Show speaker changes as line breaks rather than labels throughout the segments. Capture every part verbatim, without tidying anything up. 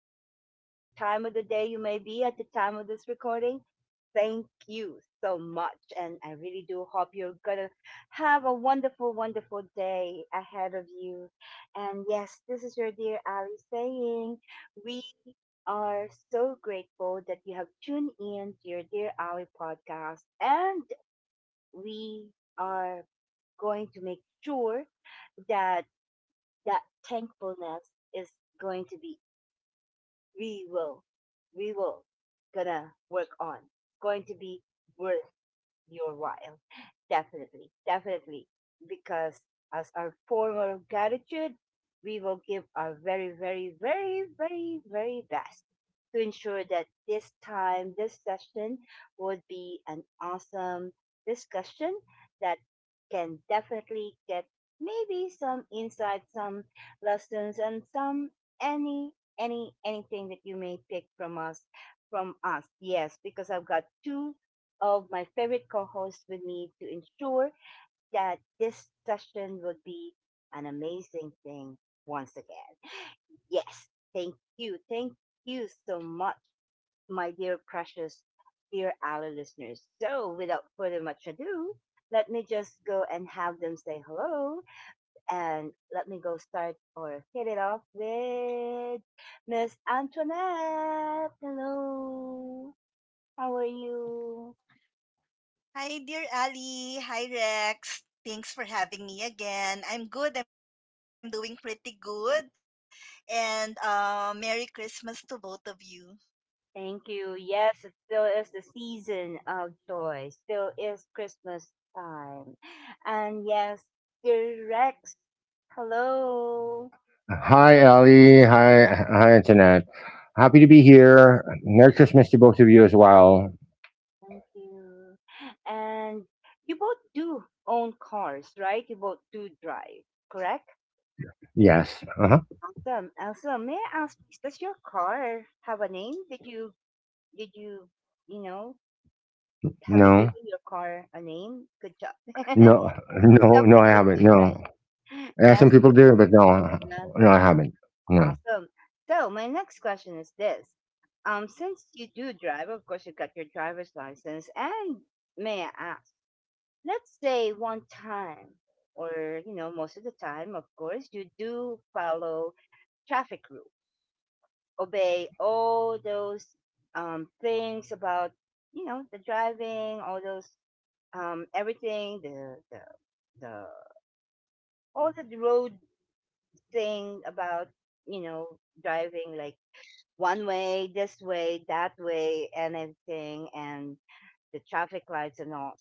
whatever time of the day you may be at the time of this recording, thank you so much. And I really do hope you're going to have a wonderful, wonderful day ahead of you. And yes, this is your dear Ali saying, we are so grateful that you have tuned in to your Dear Ali podcast. And we are going to make sure that that thankfulness is going to be we will we will gonna work on going to be worth your while. Definitely, definitely. Because as our form of gratitude, we will give our very, very, very, very, very best to ensure that this time, this session would be an awesome discussion that can definitely get maybe some insight, some lessons, and some any any anything that you may pick from us from us. Yes, because I've got two of my favorite co host with me to ensure that this session will be an amazing thing once again. Yes, thank you. Thank you so much, my dear, precious, dear Ali listeners. So, without further much ado, let me just go and have them say hello and let me go start or hit it off with Miss Antoinette. Hello, how are you?
Hi, dear Ali. Hi, Rex. Thanks for having me again. I'm good. I'm doing pretty good. And uh, Merry Christmas to both of you.
Thank you. Yes, it still is the season of joy. Still is Christmas time. And yes, dear Rex, hello.
Hi, Ali. Hi, hi, Jeanette. Happy to be here. Merry Christmas to both of you as well.
Thank you. And you both do own cars, right? You both do drive, correct?
Yes. Uh huh.
Awesome. Awesome. May I ask, does your car have a name? Did you, did you, you know, have you
No.
given your car a name? Good job.
No.
Some
No. No. I
people
haven't.
do,
No.
right?
Yeah, some
Yes.
people do, but no. No, I haven't. No.
Awesome. So my next question is this. Um, since you do drive, of course you got your driver's license, and may I ask, let's say one time, or you know, most of the time, of course, you do follow traffic rules, obey all those um things about, you know, the driving, all those um everything, the the the all the road thing about, you know, driving like one way, this way, that way, anything, and the traffic lights and all.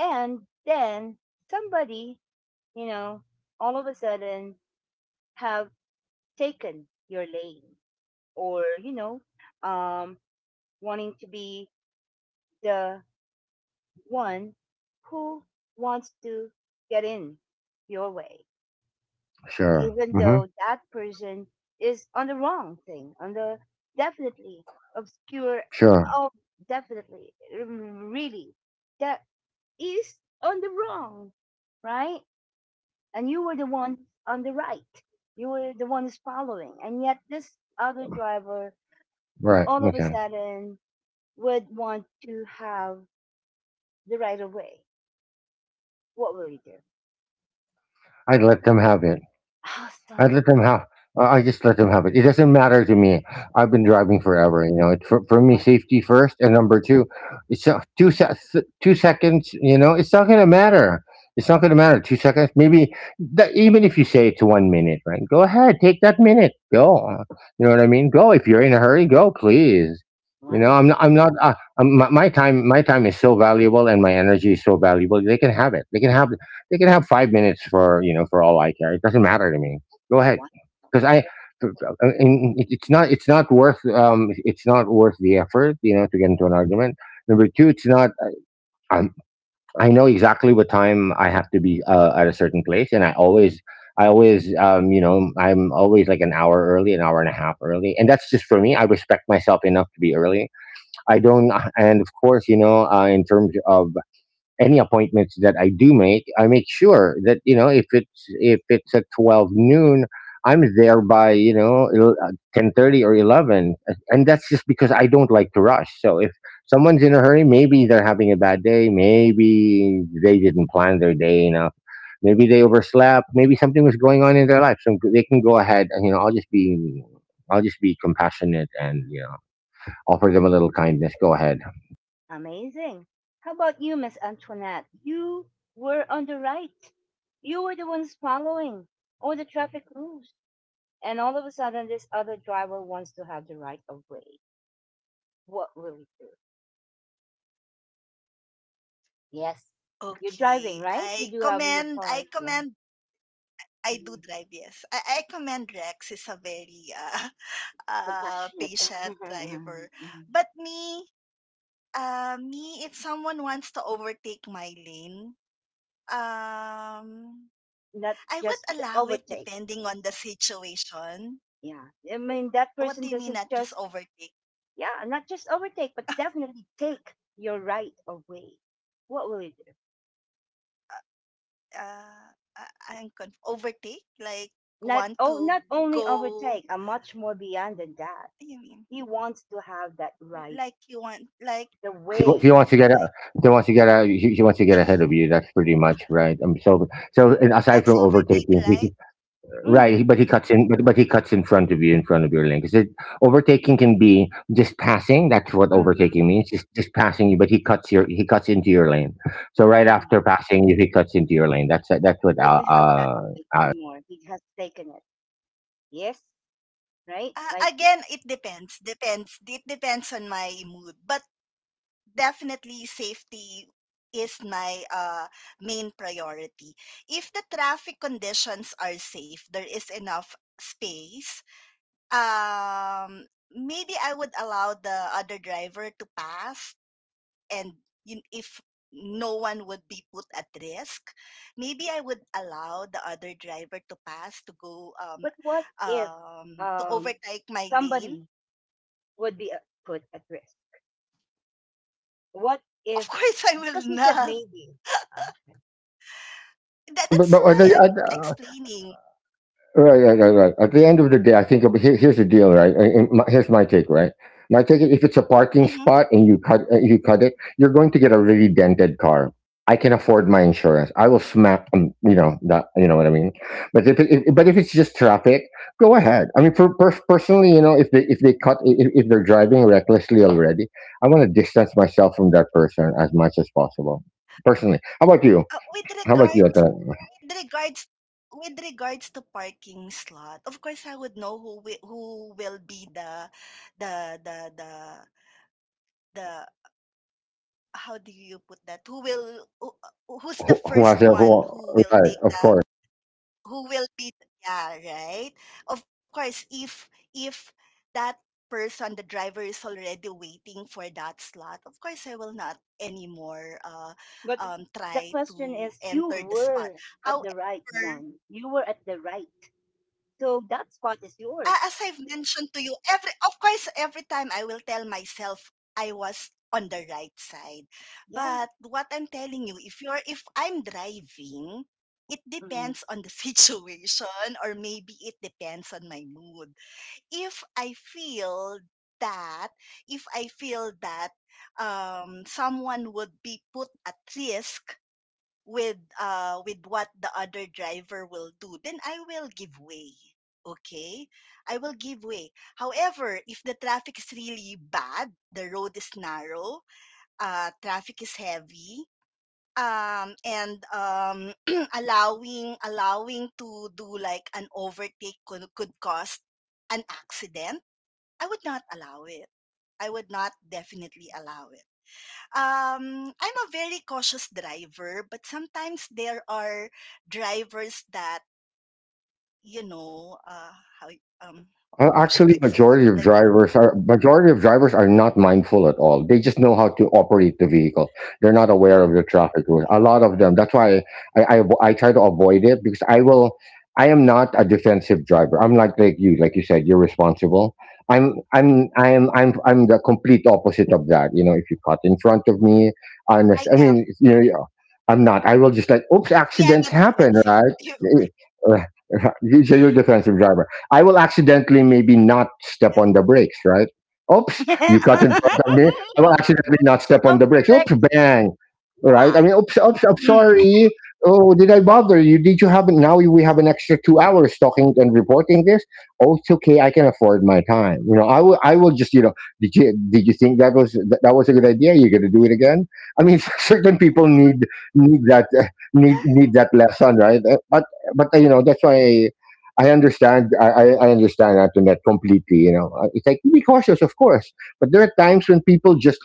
And then somebody, you know, all of a sudden have taken your lane or, you know, um, wanting to be the one who wants to get in your way,
Sure.
even
Mm-hmm.
though that person is on the wrong thing, on the definitely obscure,
Sure.
oh, definitely, mm, really, that is on the wrong, right? And you were the one on the right. You were the one who's following. And yet, this other driver,
Right.
all of a
Okay.
sudden, would want to have the right of way. What will you do?
I'd let them have it. I let
Awesome.
them have. I I just let them have it. It doesn't matter to me. I've been driving forever. You know, it's for, for me safety first, and number two, it's not two se- s- two seconds. You know, it's not gonna matter. It's not gonna matter. Two seconds, maybe. That, even if you say it to one minute, right? Go ahead, take that minute. Go. You know what I
Wonderful.
mean? Go. If you're in a hurry, go, please. You know,
Wonderful.
I'm not. I'm not. Uh, um, my, my time. My time is so valuable, and my energy is so valuable. They can have it. They can have. They can have five minutes for, you know, for all I care. It doesn't matter to me. Go ahead, because I,
Wonderful.
and it- it's not, it's not worth, um, it's not worth the effort, you know, to get into an argument. Number two, it's not. Um, I know exactly what time I have to be uh, at a certain place, and I always, I always, um, you know, I'm always like an hour early, an hour and a half early, and that's just for me. I respect myself enough to be early. I don't, and of course, you know, uh, in terms of any appointments that I do make, I make sure that, you know, if it's if it's at twelve noon, I'm there by, you know, ten thirty or eleven. Uh, and that's just because I don't like to rush. So if someone's in a hurry, maybe they're having a bad day, maybe they didn't plan their day enough, maybe they overslept, maybe something was going on in their life, so they can go ahead, and you know, I'll just be, I'll just be compassionate, and you know, offer them a little kindness. Go ahead.
Amazing. How about you, Miss Antoinette? You were on the right. You were the ones following all the traffic rules. And all of a sudden, this other driver wants to have the right of way. What will you do? Yes. You're
Okay.
driving,
I
right? You do have
commend,
your
I
car.
commend,
Yeah.
I do drive,
Mhm.
yes. I, I commend Rex. He's a very uh, uh,
Compassionate.
patient driver. But me, uh, me, if someone wants to overtake my lane, um,
Not
I
just
would allow it
overtake.
depending on the situation.
Yeah. I mean, that
What
person
do you mean
doesn't
not just
just,
overtake?
yeah, not just overtake, but definitely take your right of way. What will you do?
Uh, I, I'm conf- overtake like
Not
want
oh, not
to
only overtake,
go.
and much more beyond than that.
What do you mean?
He wants to have that right,
Like you want like
the
He wa
way.
he wants to get out,
like
he wants to get out he he wants to get ahead of you, that's pretty much right, um, so so and aside from
that's overtake,
overtaking, he can
right?
right, he-
Mm,
but he cuts in, but but he cuts in front of you, in front of your lane. Because overtaking can be just passing, that's what overtaking
mm,
means, just just passing you, but he cuts your he cuts into your lane. So right
mm.
after passing you, he cuts into your lane, that's, uh, that's
He
what, uh,
wouldn't have that
uh,
right
uh,
anymore. He has taken it. Yes, right?
Uh,
Like,
again, it depends. Depends. It depends on my mood, but definitely safety is my uh main priority. If the traffic conditions are safe, there is enough space. Um, maybe I would allow the other driver to pass and you, if no one would be put at risk, maybe I would allow the other driver to pass to go um
but what if
um to
um
overtake my lane.
somebody would be uh, put at risk? What if
Of course, I
because
will
you said
not.
maybe, okay,
yeah,
That,
but
that's
but, what I,
why
I,
I'm explaining.
right, right, right, right. at the end of the day, I think of- here, here's the deal, right? And- and my- Here's my take, right? My take is if it's a parking
Mhm.
spot and you cut, uh, you cut it, you're going to get a really dented car. I can afford my insurance. I will smack, um, you know that, you know what I mean. But if, it, if but if it's just traffic, go ahead. I mean, for, per personally, you know, if they if they cut if, if they're driving recklessly already, I want to distance myself from that person as much as possible. Personally, how about you?
Uh, with
How about you? Atta?
regards with regards with regards to parking slot, of course I would know who wi- who will be the the the the the how do you put that? Who will who, uh,
Who,
who's
who
the
has a
first
who?
one who
Right,
will
of
take
course.
the who will be yeah, right? Of course, if if that person the driver is already waiting for that slot, of course I will not anymore uh
but the
um
question
try
is, you
to enter the
were
spot.
at the right one.
However,
You were at the right. So that spot is
Uh,
yours.
as I've mentioned to you, every of course, every time I will tell myself I was on the right side.
Yeah.
But what I'm telling you, if you're if I'm driving, it
Mm.
depends on the situation or maybe it depends on my mood. If I feel that if I feel that um, someone would be put at risk with uh with what the other driver will do, then I will give way. Okay, I will give way. However, if the traffic is really bad, the road is narrow, uh traffic is heavy, um and um allowing allowing to do like an overtake could, could cause an accident, I would not allow it. I would not definitely allow it. um I'm a very cautious driver, but sometimes there are drivers that you know uh how um
Uh,
how should I
Actually,
say it?
majority
Like
of drivers are majority of drivers are not mindful at all. They just know how to operate the vehicle. They're not aware
mhm,
of the traffic rules. A lot of them. That's why I I, avo- I try to avoid it because I will. I am not a defensive driver. I'm not like you. Like you said, you're responsible. I'm I'm I'm I'm I'm the complete opposite of that. You know, if you cut in front of me, I understand.
I
I
am
mean, you know, yeah, I'm not. I will just like, oops,
yeah
accidents
I'm a
happen,
defensive driver.
right? You- You're a defensive driver. I will accidentally maybe not step on the brakes, right? Oops, you cut in
So
front of me. I will accidentally not step on the brakes. Oops,
correct.
bang.
Wow.
Right? I mean, oops, oops, I'm
Mm.
sorry. Oh, did I bother you? Did you have now we have an extra two hours talking and reporting this? Oh, it's okay. I can afford my time. You know, I will I will just, you know, did you did you think that was that, that was a good idea? You're gonna do it again? I mean, certain people need, need that uh, need need that lesson, right? Uh, But but uh, you know that's why I understand. I, I I understand Antoinette completely. You know. Uh, it's like be cautious, of course. But there are times when people just,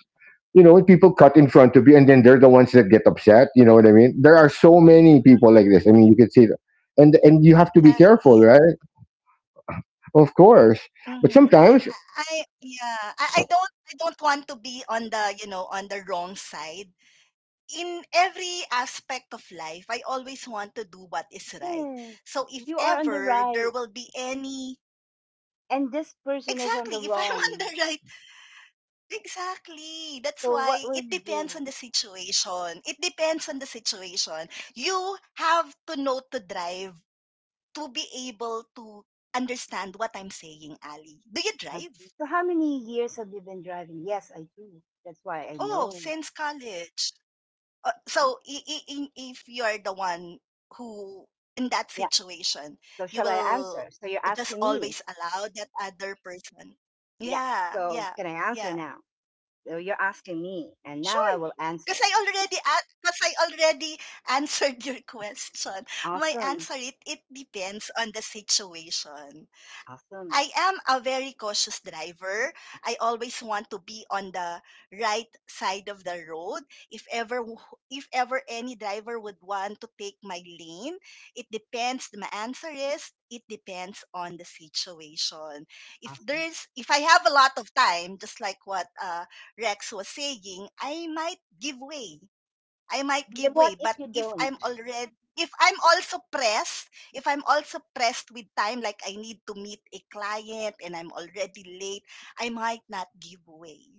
you know, when people cut in front of you, and then they're the ones that get upset. You know what I mean? There are so many people like this. I mean, you
Yeah,
can see that. and and you have to be careful, right?
exactly.
Of course.
Mm-hmm.
But
I,
sometimes,
I yeah I, I don't I don't want to be on the you know on the wrong side. In every aspect of life, I always want to do what is right.
Yes.
So if
You are on the
ever there
right.
will be any
And this person
exactly,
is on
if
the
I'm on the
wrong.
right exactly. That's
So
why
what
it
will you
depends on
do?
the situation. It depends on the situation. You have to know to drive to be able to understand what I'm saying, Ali. Do you
Asked me.
drive?
So how many years have you been driving? Yes, I do. That's why I
Oh,
know.
since college. Uh, so i- i- in- if you're the one who in that
Yeah.
situation,
So
you
shall I
will
answer? So
just
you're asking
always
me.
allow that other person.
Yeah.
Yeah, yeah.
So can I
Yeah,
answer now? So you're asking me. And now
sure.
I will
Because I
answer.
already because I already answered your question. My
Awesome.
answer, it it depends on the situation.
Awesome.
I am a very cautious driver. I always want to be on the right side of the road. If ever w- if ever any driver would want to take my lane, it depends. My answer is it depends on the situation. If
Awesome.
there's if I have a lot of time, just like what uh Rex was saying, I might give way. I might give
But
way,
what
but
if you
if I'm
don't?
already if I'm also pressed, if I'm also pressed with time, like I need to meet a client and I'm already late, I might not give way.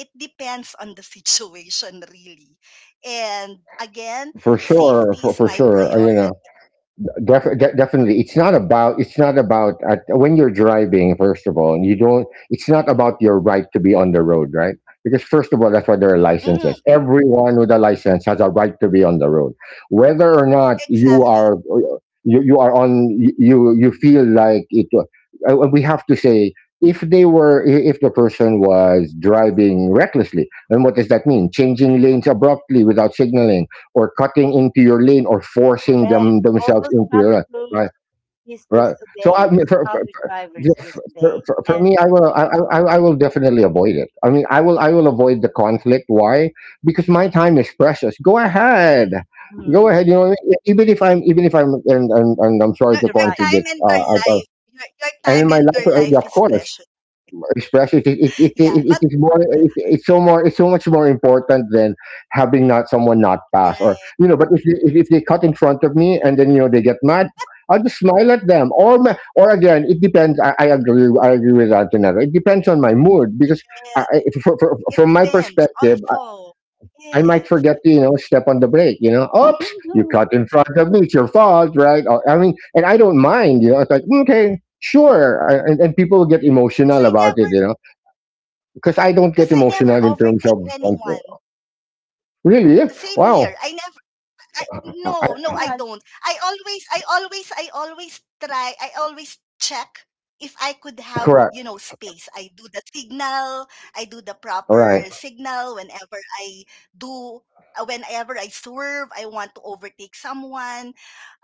It depends on the situation, really. And again,
for sure,
safety
for,
is
for
my
sure, uh, you know.
priority.
Def- de- definitely it's not about, it's not about uh, when you're driving first of all, and you don't, it's not about your right to be on the road, right, because first of all that's why there are
Mhm,
licenses, everyone with a license has a right to be on the road whether or not you are,
exactly.
you, you are on, you you feel like it, uh, we have to say if they were, if the person was driving recklessly, then what does that mean, changing lanes abruptly without signaling or cutting into your lane or forcing
Correct.
them
All
themselves
those
into your lane,
traffic
right?
rules he's
Right. So I
disobeying.
mean,
His
for, for,
other drivers
for,
disobey.
for, for me,
And
I will I, I, I will definitely avoid it. I mean, I will I will avoid the conflict. Why? Because my time is precious. Go ahead, go
mm,
ahead. You know what I mean? even if I'm even if I'm, and, and, and I'm sorry
Your,
to
to
the
your
right.
time
contradict.
and your
Uh, uh, uh,
life, your, your
and
time
in my
and
life,
your
uh,
life
of
is
course,
precious.
express it. It it, it,
Yeah,
it, it
but
is more. It, it's so more. It's so much more important than having not someone not pass, or
right.
you know. But if they, if, if they cut in front of me, and then you know they get mad. I'll just smile at them, or ma- or again, it depends. I, I agree. I agree with Antonella. It depends on my mood because, I, I- for, for,
It
from my
depends
perspective,
also.
I, I might
Yes.
forget to, you know, step on the brake. You know, oops, you
Mhm.
cut in front of me. It's your fault, right? Or, I mean, and I don't mind. You know, it's like okay, sure, I- and, and people get
Because
emotional
I
about it.
never
You know, because I don't
because
get
I
emotional
never
in terms
overtake
of conflict.
anyone.
Really?
Same here.
Wow.
I I,
I,
no, no,
I-
I
Yeah,
don't. I always, I always, I always try. I always check if I could have,
correct.
you know, space. I do the signal. I do the
All right.
proper signal whenever I do. uh, Whenever I swerve, I want to overtake someone.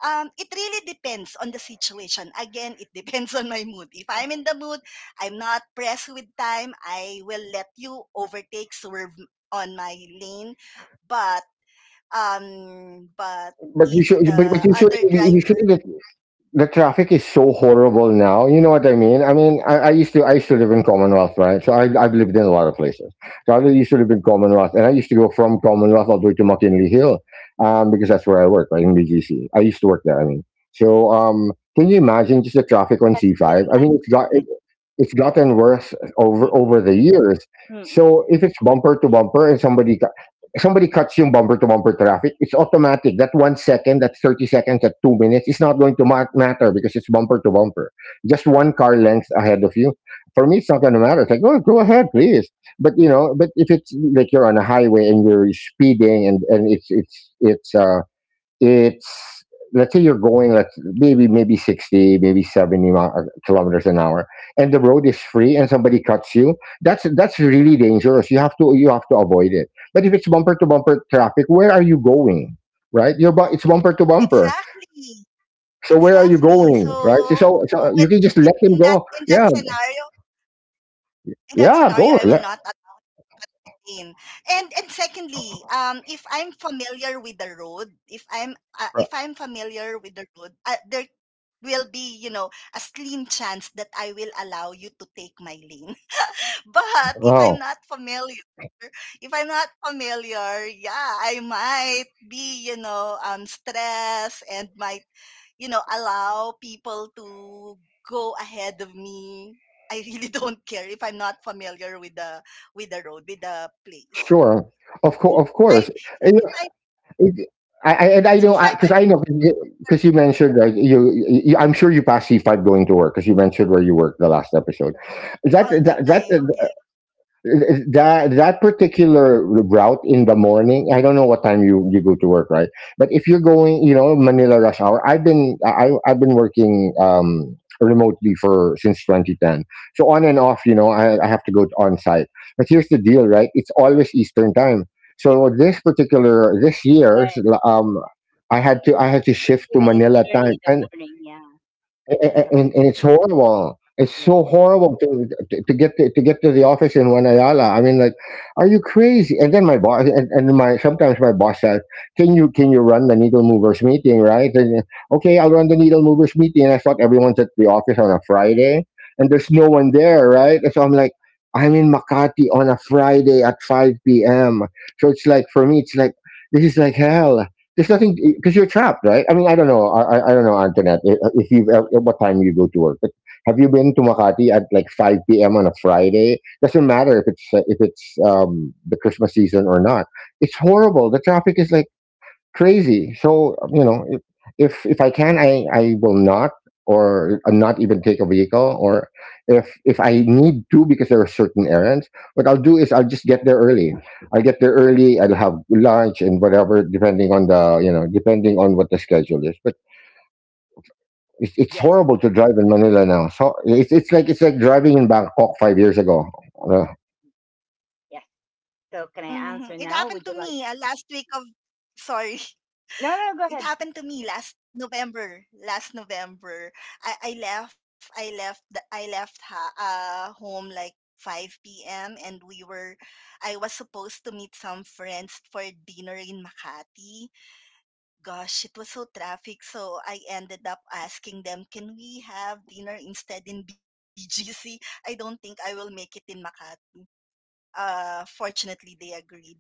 Um, it really depends on the situation. Again, it depends on my mood. If I'm in the mood, I'm not pressed with time. I will let you overtake, swerve on my lane. But um but
But you
if
should. But, but
the
you should.
other
You should.
driver
The, the traffic is so horrible now. You know what I mean? I mean, I, I used to. I used to live in Commonwealth, right? So I, I've lived in a lot of places. So I used to live in Commonwealth, and I used to go from Commonwealth all the way to McKinley Hill, um, because that's where I work, right in B G C. I used to work there. I mean, so um, can you imagine just the traffic on C
yes, I can
five? I mean, it's got.
imagine. Yeah.
it's gotten worse over over
Mm-mm.
the years. So
Mm-mm.
if it's bumper to bumper and somebody cu- somebody cuts yung bumper to bumper traffic, it's automatic. That one second, that thirty seconds, that two minutes, it's not going to ma- matter because it's bumper to bumper. Just one car length ahead of you. For me, it's not going to matter. It's like, oh, go ahead, please. But you know, but if it's like you're on a highway and you're speeding and and it's it's it's uh it's let's say you're going, let's maybe maybe sixty, maybe seventy mi- uh, kilometers an hour, and the road is free, and somebody cuts you, that's that's really dangerous, you have to you have to avoid it, but if it's bumper to bumper traffic, where are you going, right, you're bu- it's bumper to bumper,
exactly
so where are you
exactly
going, right,
so
so,
with,
so you
with
can just
in
let
that
them
in
go,
that
yeah,
scenario in that scenario
yeah,
I will
go
not
let,
attain. and and secondly um if I'm familiar with the road, if I'm uh, if I'm familiar with the road, uh, there will be you know a slim chance that I will allow you to take my lane. But if I'm
wow,
not familiar, if I'm not familiar, yeah, I might be, you know, um, stressed and might, you know, allow people to go ahead of me. I really don't care if I'm not familiar with the with the road, with the place.
sure, of, course
In
of course.
five, in five,
It- I, I and I know
in five,
because
I'm
I know because
there
you mentioned, right, you, you, I'm sure you passed C five going to work because you mentioned where you work the last episode. That
all the
that
time.
that
Yeah,
that that particular route in the morning, I don't know what time you you go to work, right? But if you're going, you know, Manila rush hour. I've been i i've been working um remotely for since two thousand ten, so on and off, you know, i, I have to go on site. But here's the deal, right? It's always Eastern time. So this particular this
But
year's, um i had to i had to shift to
even it's
Manila time.
early in the
and
morning, yeah, it's
a- and,
traffic.
and it's
So,
horrible. It's
yeah.
so horrible to to get to, to get to the office in Wanayala. I mean, like, are you crazy? And then my boss, and, and my sometimes my boss says, "Can you can you run the needle movers meeting?" Right? And okay, I'll run the needle movers meeting. And I thought everyone's at the office on a Friday, and there's no one there, right? And so I'm like, I'm in Makati on a Friday at five p m. So it's like for me, it's like this is like hell. There's nothing because you're trapped, right? I mean, I don't know. I, I I don't know, Antoinette. i- If you have what time you go to work, but have you been to Makati at like five p m on a Friday? Doesn't matter if it's uh, if it's um, the Christmas season or not. It's horrible. The traffic is like crazy. So you know, if if, if I can, I, I will not or uh, not even take a vehicle. Or if if I need to, because there are certain errands, what I'll do is I'll just get there early. I'll get there early. I'll have lunch and whatever, depending on the, you know, depending on what the schedule is. But it's, it's
Yes.
horrible to drive in Manila now. So it's it's like it's like driving in Bangkok five years ago. Uh,
Yes. So can I answer
hmm, it
now? Would you
happened to
like?
me uh, last week of. Sorry,
No, no, go ahead.
it happened to me last November. Last November, I, I left. I left. The, I left ha- uh, home like five p m and we were. I was supposed to meet some friends for dinner in Makati. Gosh, it was so traffic. So I ended up asking them, "Can we have dinner instead in B G C? I don't think I will make it in Makati." Uh, fortunately, they agreed.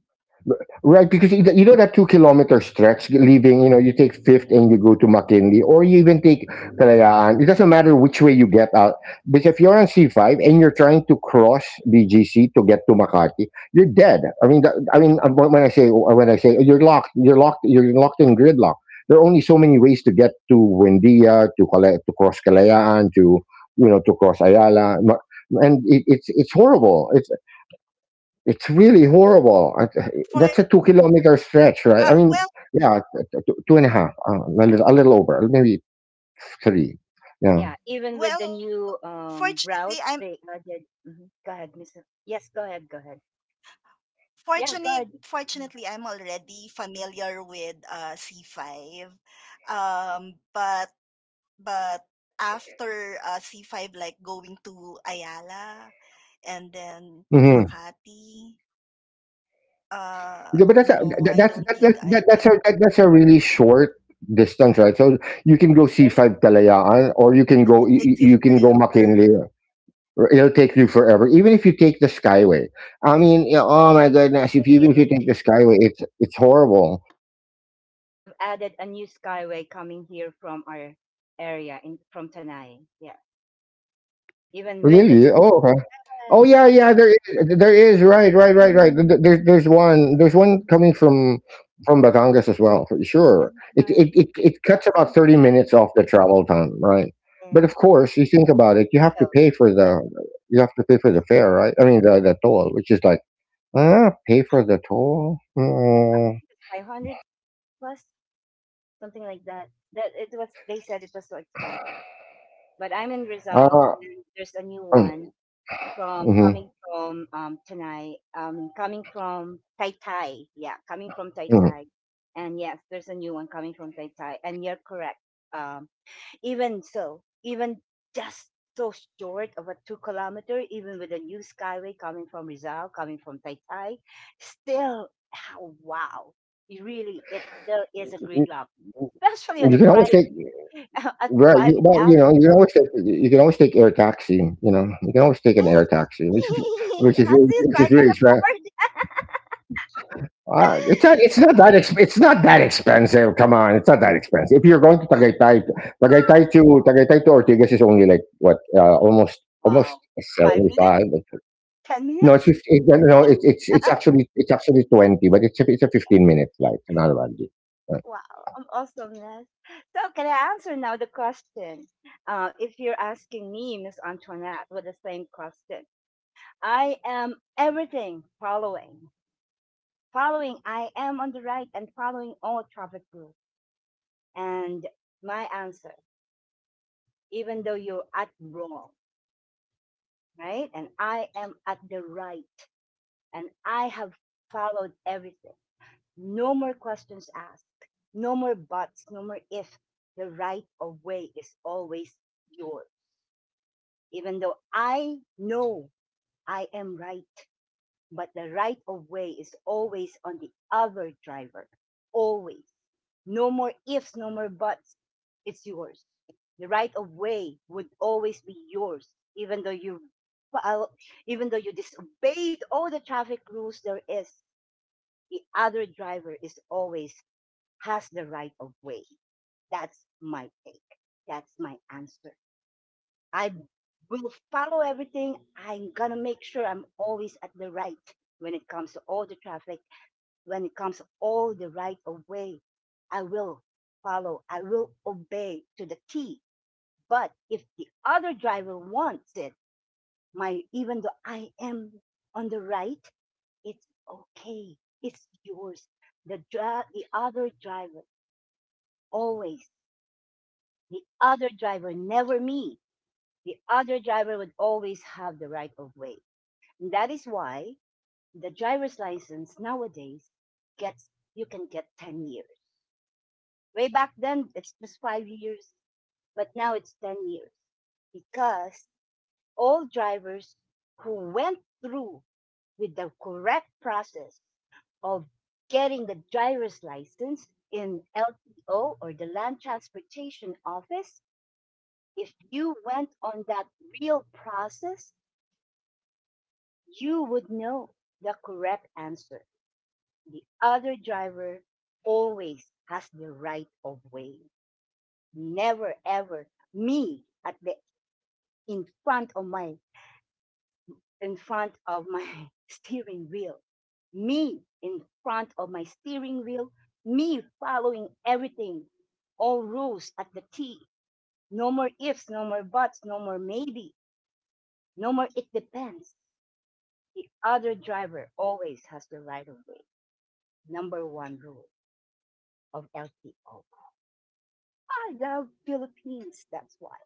Right, because you you know that two kilometer stretch leaving, you know, you take Fifth and you go to McKinley, or you even take Kalayaan. It doesn't matter which way you get out. Because if you're on C five and you're trying to cross B G C to get to Makati, you're dead. I mean, that, I mean, um, when I say, when I say you're locked, you're locked, you're locked in gridlock. There are only so many ways to get to Wendia, to Kalay, to cross Kalayaan, to, you know, to cross Ayala, Ma- and it, it's it's horrible. It's it's really horrible. I, that's
For
a two kilometer stretch, right? I
uh,
mean,
well,
yeah, t- t- two, two and a half, uh, a, little, a little over, maybe three. Yeah.
Yeah. Even with the
well,
new um
fortunately, I'm
routes, they added. Mhm. Go ahead, Miss. Yes, go ahead. Go ahead. Yeah, go
fortunately
ahead. Mhm.
fortunately I'm already familiar with uh C five, um but but after uh, C five, like going to Ayala and then to
Hmm.
Makati, uh
Yeah, but that's a,
no,
that,
I
that's
don't
that, that,
think
that,
I
that's a
can.
that, that's a really short distance, right? So you can go C
Sorry,
five Kalayaan, or you can
But
go,
it
you,
takes you
you you can go
forever.
McKinley. Or it'll take you forever, even if you take the Skyway. I mean, yeah, oh my goodness! If you, even if you take the Skyway, it's it's horrible.
I have added a new skyway coming here from our area in from Tanay. Yeah, even with the
Really? Oh, okay.
yes,
Oh
it was,
yeah, yeah. There is, there is. Right, right, right, right. Th- th-
mm,
There's there's one there's one coming from from Batangas as well for
yeah,
sure. It it it,
I
it cuts about
think
thirty
right.
minutes off the travel time, right?
Yeah,
But of course, you think about it, you have
so,
to pay for
yeah,
the, you have to pay for
yeah,
the fare, right? I mean, the the toll, which is like, ah, pay for the toll.
yeah. I
Mm,
believe it's five hundred plus something like that. That it was. They said it was so expensive, but I'm in Rizal
uh,
and there's a new
mm,
one from
mhm,
coming from um Tanai, um coming from Tai Tai. Yeah, coming from Tai
mhm.
Tai. And yes, there's a new one coming from Tai Tai. And you're correct. Um Even so, even just so short of a two kilometer, even with a new skyway coming from Rizal, coming from Tai Tai, still how wow. It really, it still is a gridlock. Especially on
You
a
can always
Friday
take.
at
Right,
five
you,
in
well,
the
you know, you can always take you can always take air taxi, you know. You can always take an air
afternoon.
taxi, which is, which is
How's
really
this?
which
I
is
can
really expen—
afford
ah,
it?
it's not, it's not that exp it's not that expensive, come on, it's not that expensive. If you're going to Tagaytay, Tagaytay to Tagaytay to Ortigas is only like what, uh, almost almost
Wow. Five
seventy-five.
minutes? Ten
No, it's
minutes?
fif it no, no, it's
Fifteen?
it's it's actually, it's actually twenty, but it's a it's a
Yeah,
fifteen minute flight, not a bad deal.
wow. I'm awesomeness. So can I answer now the question? Uh, if you're asking me, Miss Antoinette, with the same question, I am everything following. Following, I am on the right and following all traffic rules. And my answer, even though you're at wrong, right? And I am at the right and I have followed everything. No more questions asked. No more buts. No more if. The right of way is always yours. Even though I know I am right, but the right of way is always on the other driver. Always. No more ifs, no more buts. It's yours. The right of way would always be yours, even though you fol- even though you disobeyed all the traffic rules there is. The other driver is always has the right of way. That's my take. That's my answer. I will follow everything. I'm gonna make sure I'm always at the right when it comes to all the traffic, when it comes to all the right of way. I will follow. I will obey to the T. But if the other driver wants it, my even though I am on the right, it's okay. It's yours. The dri- the other driver always the other driver, never me. The other driver would always have the right of way. And that is why the driver's license nowadays gets you can get ten years. Way back then it was five years, but now it's ten years because all drivers who went through with the correct process of getting the driver's license in L T O, or the Land Transportation Office. If you went on that real process, you would know the correct answer. The other driver always has the right of way. Never ever me at the in front of my in front of my steering wheel. Me in front of my steering wheel, me following everything, all rules at the T. No more ifs, no more buts, no more maybe, no more it depends. The other driver always has the right of way. Number one rule of L T O. I love Philippines, that's why.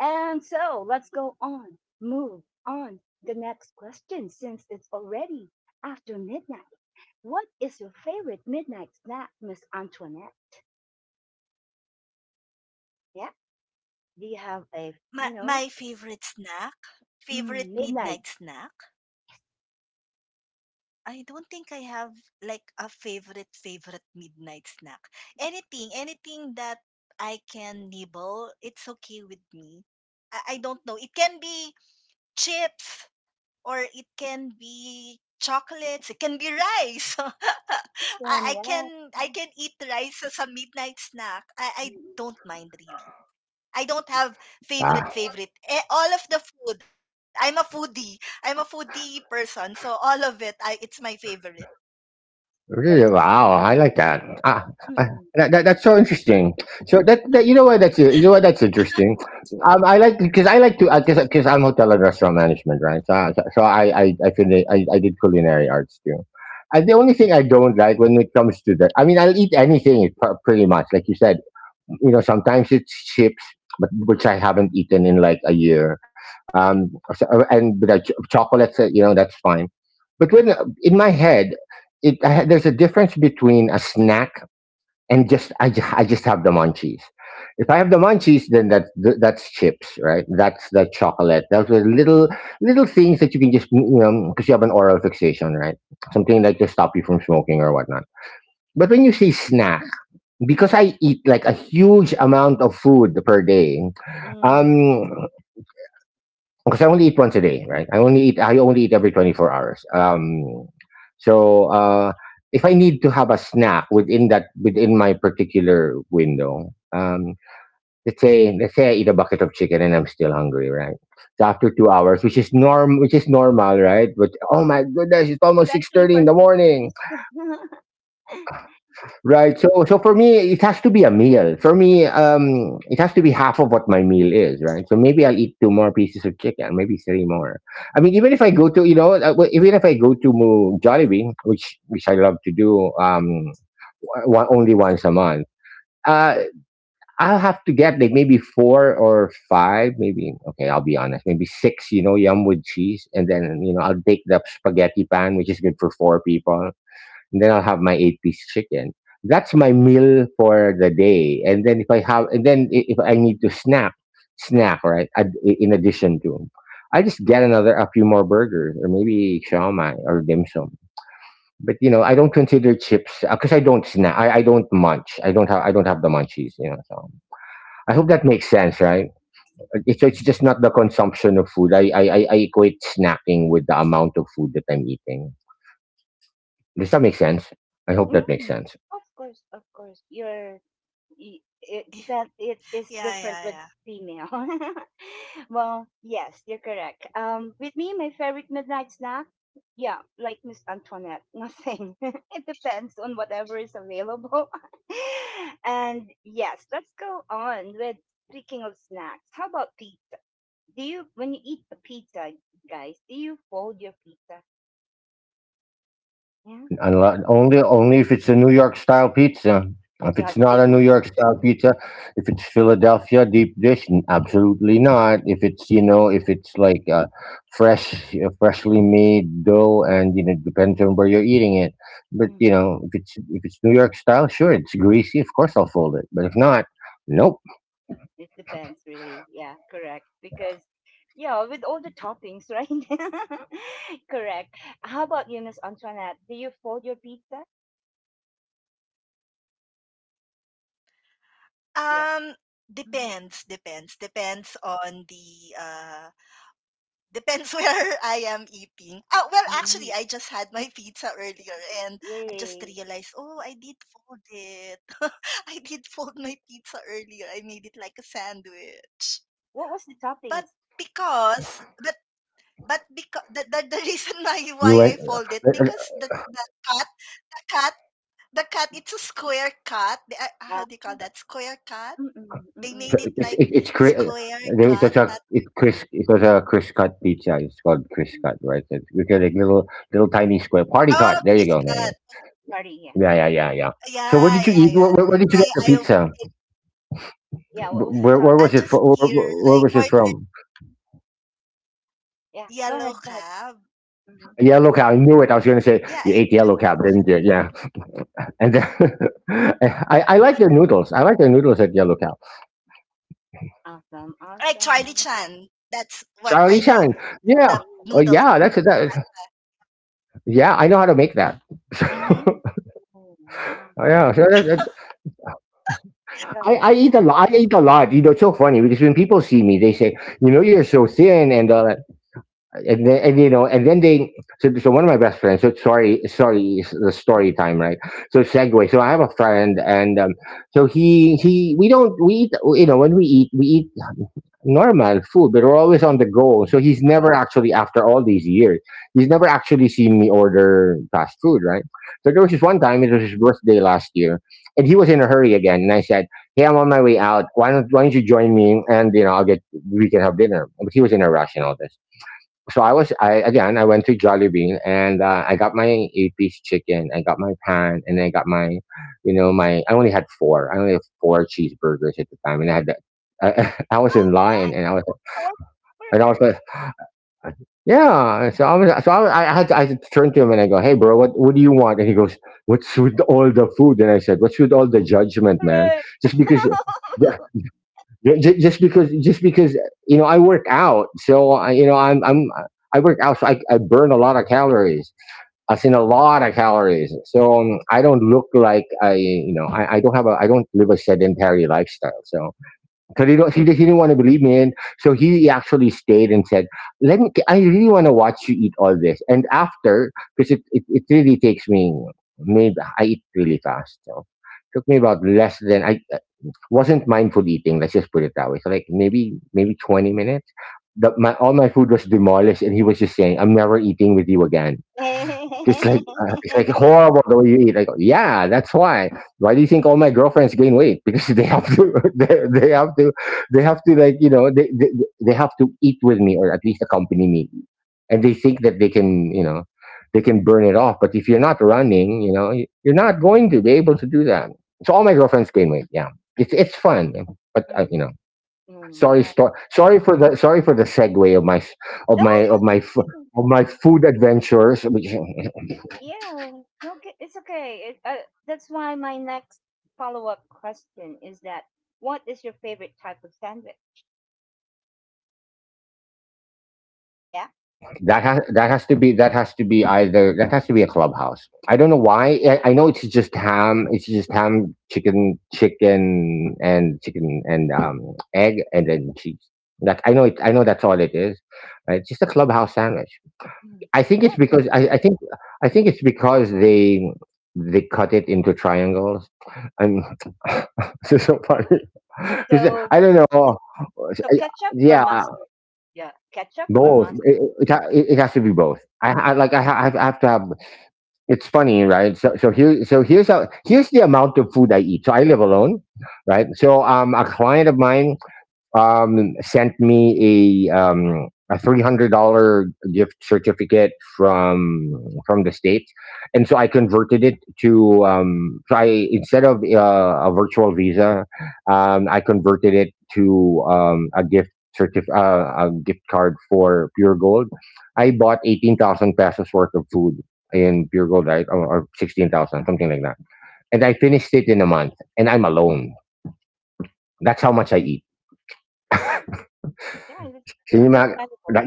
And so let's go on, move on. The next question, since it's already after midnight. What is your favorite midnight snack, Miss Antoinette? Yeah? Do you have a,
my
you
my
know,
favorite snack favorite
mm,
midnight
midnight?
snack, I don't think I have like a favorite favorite midnight snack. Anything, anything that I can nibble, it's okay with me. I, I don't know. It can be chips or it can be chocolates. It can be rice. I, I
Awesome, yeah.
can, I
Mm,
can eat rice as a midnight snack. I, I
mm,
don't mind really. I don't have
Uh,
favorite favorite. Eh, all of the food. I'm a foodie. I'm a foodie person, so all of it, I, it's my favorite.
Really?
that's
Wow, I
mm-mm,
like that. Ah, I,
mm-mm,
that, that that's so interesting. So that, that, you know what, that's, you know what, that's interesting. Um, I like, because I like to, because because I'm hotel and restaurant management, right? So so, so I I I, did, I I did culinary arts too. And the only thing I don't like when it comes to that, I mean, I'll eat anything pr- pretty much, like you said, you know, sometimes it's chips, but which I haven't eaten in like a year. Um so, uh, and but I, ch- chocolates, uh, you know, that's fine. But when, in my head, it I, had- there's a difference between a snack and just, I, ju- I just have the munchies. If I have the munchies, then that th- that's chips, right? That's the chocolate. Those are little, little things that you can just, you know, because you have an oral fixation, right? Something like to stop you from smoking or whatnot. But when you say snack, because I eat like a huge amount of food per day,
mm,
um, because I only eat once a day, right? I only eat I only eat every twenty four hours. Um, so uh, if I need to have a snack within that, within my particular window, um, let's say, let's say I eat a bucket of chicken and I'm still hungry, right? So after two hours, which is norm, which is normal, right? But oh my goodness, it's almost six
especially
thirty
for
in the morning.
Filipinos.
Right. So so for me, it has to be a meal. For me, um, it has to be half of what my meal is, right? So maybe I'll eat two more pieces of chicken, maybe three more. I mean, even if I go to, you know, uh, well, even if I go to Mo- Jollibee, which which I love to do, um, one, only once a month. Uh, I'll have to get like maybe four or five, maybe, okay, I'll be honest, maybe six. You know, yum with cheese, and then, you know, I'll take the spaghetti pan, which is good for four people, then I'll have my eight piece chicken. That's my meal for the day. And then if I have, and then i- if I need to snack, snack right, ad- i- in addition to, I just get another, a few more burgers or maybe shawmai or dim sum. But you know, I don't consider chips because I don't snack. I, I don't munch. I don't have. I don't have the munchies. You know, so I hope that makes sense, right? It's so, it's just not the consumption of food. I I I I equate snacking with the amount of food that I'm eating. Does that make sense? I hope that makes
Mm,
sense.
of course, of course. You're, y- it depends, it is
Yeah,
different
yeah,
with
yeah.
female. Well, yes, you're correct. Um, with me, my favorite midnight snack, yeah, like Miss Antoinette, nothing. It depends on whatever is available. And yes, let's go on with speaking of snacks. How about pizza? Do you, when you eat the pizza, guys, do you fold your pizza? Yeah,
Unli Only only if it's a New York style pizza. If
yeah,
it's
the
not
big
a New
ones.
York style pizza, if it's Philadelphia deep dish, n- absolutely not. If it's, you
Mm-hmm.
know, if it's like, uh, fresh, uh, freshly made dough, and you know, depends on where you're eating it. But you know, if it's, if it's New York style, sure, it's greasy. Of course, I'll fold it. But if not, nope.
It depends, really. Yeah, correct. Because, yeah, with all the toppings, right? Correct. How about you, Miss Antoinette? Do you fold your pizza? Yes.
Um,
Mhm.
depends, depends, depends on the uh, depends where I am eating. Oh, well,
Mm,
actually, I just had my pizza earlier, and I just
yay.
realized, oh, I did fold it. I did fold my pizza earlier. I made it like a sandwich.
What was the
But
toppings?
because, but but because the, the, the
You
reason
went.
why why
uh,
I fold it, because the the cut the cut the cut it's a square cut. The, uh, how
Uh,
do you call that? Square cut.
mm-mm,
They
mm-mm.
made it
It's it,
like
it's Chris.
square
There is such
cut,
a,
not
it's Chris. It's such a Chris cut pizza. It's called Chris
Mm,
cut, right? It's it like little, little tiny square
oh
party cut.
Chris
There you go.
cut.
There you go.
sorry, yeah.
Yeah, yeah, yeah, yeah. So
Yeah,
where did you
yeah,
eat?
yeah.
Where, where,
That's
where did you
why
get the
I
pizza?
it,
Yeah, what
Wh-
was the
Where where
topping?
I
was it from?
just
Where,
here
where where
I
was it
ordered
from?
Yeah,
yellow
go ahead, go ahead.
cab.
Hmm.
Yellow cow. I knew it. I was going to
Yeah,
say
I
you
just
ate yellow cow, didn't you? Yeah. And then, I I like their noodles. I like their noodles at yellow cow.
Awesome,
like Charlie
awesome.
Chan. That's what I
Charlie
love.
Shine. Yeah.
The
Oh
noodles.
Yay.
yeah. That's that. Yeah. I know how to make that.
Mm-hmm.
Oh, wow.
Oh, yeah, so that,
Go
I,
ahead.
I eat a lot. I eat a lot. You know, it's so funny because when people see me, they say, "You know, you're so thin," and uh, and then, and you know, and then they. So, so one of my best friends. So sorry, sorry, it's the story time, right? So segue. So I have a friend, and um, so he he we don't, we eat you know, when we eat, we eat normal food, but we're always on the
Mm-hmm.
go. So he's never actually, after all these years, he's never actually seen me order fast food, right? So there was this one time, it was his birthday last year, and he was in a hurry again. And I said, hey, I'm on my way out. Why don't, why don't you join me? And, you know, I'll get, we can have dinner. But he was in a rush and all this, so I was I again I went to Jollibee and uh, I got my eight piece chicken, I got my pan, and I got my, you know, my I only had four, I only had four cheeseburgers at the time, and I had that. I, I was in
Oh,
line
my
and I was
horse
and I was
burger.
like, yeah. So I was so I, I had to, I had to turn to him and I go, "Hey, bro, what what do you want?" And he goes, "What's with all the food?" And I said, "What's with all the judgment, man?
Correct.
Just because. Ju- ju- just because just because you know I work out, so I you know I'm I'm I work out so I, I burn a lot of calories. I seen a lot of calories, so um, I don't look like i you know I, I don't have a i don't live a sedentary lifestyle." So, because he, don't- he, didn't- he didn't want to believe me, and so he actually stayed and said, "Let me, I really want to watch you eat all this." And after, because it, it, it really takes me, maybe I eat really fast, so took me about less than I, wasn't mindful eating. Let's just put it that way. So like maybe maybe twenty minutes. The, my all my food was demolished, and he was just saying, "I'm never eating with you again. It's like uh, it's like horrible the way you eat." Like, yeah, that's why. Why do you think all my girlfriends gain weight? Because they have to, they, they have to, they have to like you know, they, they they have to eat with me or at least accompany me, and they think that they can you know, they can burn it off. But if you're not running, you know, y- you're not going to be able to do that. So all my girlfriends gain weight. Yeah, it's it's fun, but uh, you
Mm,
know, sorry,
naman.
sto- sorry for the, sorry for the segue of my s- of
No,
my of my
no,
f-
no.
of my food adventures.
Yeah. No, ki- it's okay. It, uh, that's why my next follow-up question is that what is your favorite type of sandwich? Yeah.
Yes, that has that has to be that has to be either that has to be a clubhouse. I don't know why. I, I know it's just ham. It's just ham, chicken, chicken, and chicken, and um egg, and then cheese. That I know it. I know that's all it is. Uh, It's just a clubhouse sandwich.
Mm,
I
the
think it's
best.
because I, I think I think it's because they they cut it into triangles. And this is so funny because
So,
I don't know.
so
I-
ketchup or
Yeah,
mustard? Yeah, ketchup or
both.
mustard.
It, it, ha- it it has to be both. I, I like. I, ha- I have I have to have. It's funny, right? So so here so here's how here's the amount of food I eat. So I live alone, right? So um, a client of mine um, sent me a, um, a three hundred dollar gift certificate from from the states, and so I converted it to, um, so I instead of uh, a virtual visa, um, I converted it to um, a gift, certif- uh, a gift card for Pure Gold. I bought eighteen thousand pesos worth of food in Pure Gold, right, or, or sixteen thousand, something like that, and I finished it in a month, and I'm alone. That's how much I eat.
Mm. Yeah,
So
it's
you ma-
understandable.
that,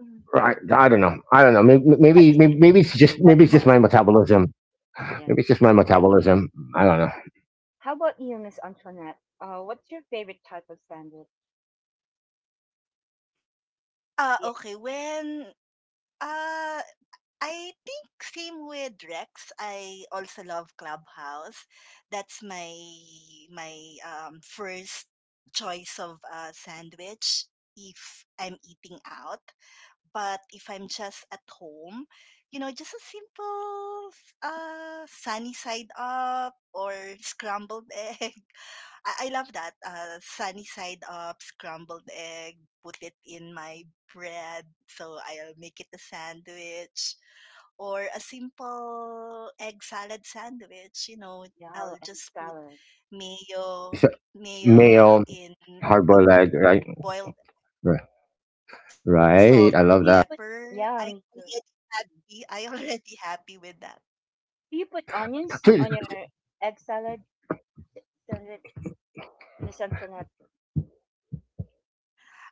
Mm.
I, I don't know. I don't know. Maybe, maybe,
That's,
maybe, maybe it's just
that's
maybe it's
my,
just my metabolism.
yes.
Maybe it's just my metabolism. I don't know.
How about you, Miss Antoinette? Uh, what's your favorite type of sandwich?
Ah,
Yes,
okay. When ah I think same with Rex. I also love Clubhouse. That's my my um, first choice of uh, sandwich if I'm eating out. But if I'm just at home, you know, just a simple s- uh, sunny side up or scrambled egg. I, I love that. Uh, sunny side up, scrambled egg. Put it in my bread, so I'll make it a sandwich or a simple egg salad sandwich. You know,
yeah,
I'll
and
just put
salad.
mayo,
So,
mayo
male,
in
hard
a
boiled egg, right?
boiled
R-
salt and
Right. I love
Do you
that.
put
pepper. I'm
yeah, me
already
too.
happy. I already happy with that.
Do you put onions
Dude,
on your egg salad s- sandwich, Miss Antoinette?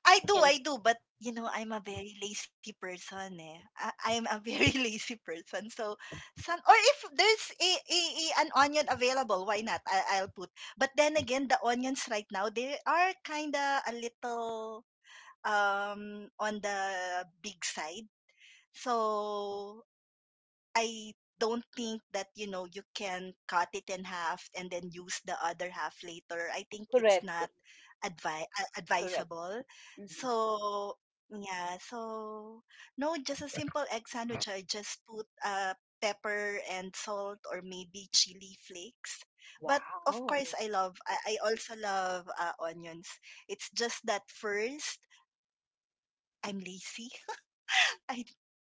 I do, I
Onions,
do, but you know, I'm a very lazy person. Eh. I, I'm a very lazy person. So, some, or if there's a, a, a- an onion available, why not? I, I'll put. But then again, the onions right now they are kind of a little um on the big side. So I don't think that you know you can cut it in half and then use the other half later. I think it's not
correct,
advi- uh,
correct.
advisable.
Hmm.
So yeah, so no, just a simple egg sandwich. I just put uh pepper and salt or maybe chili flakes. But of
Wow,
course, I love. I, I also love uh, onions. It's just that first I'm lazy. I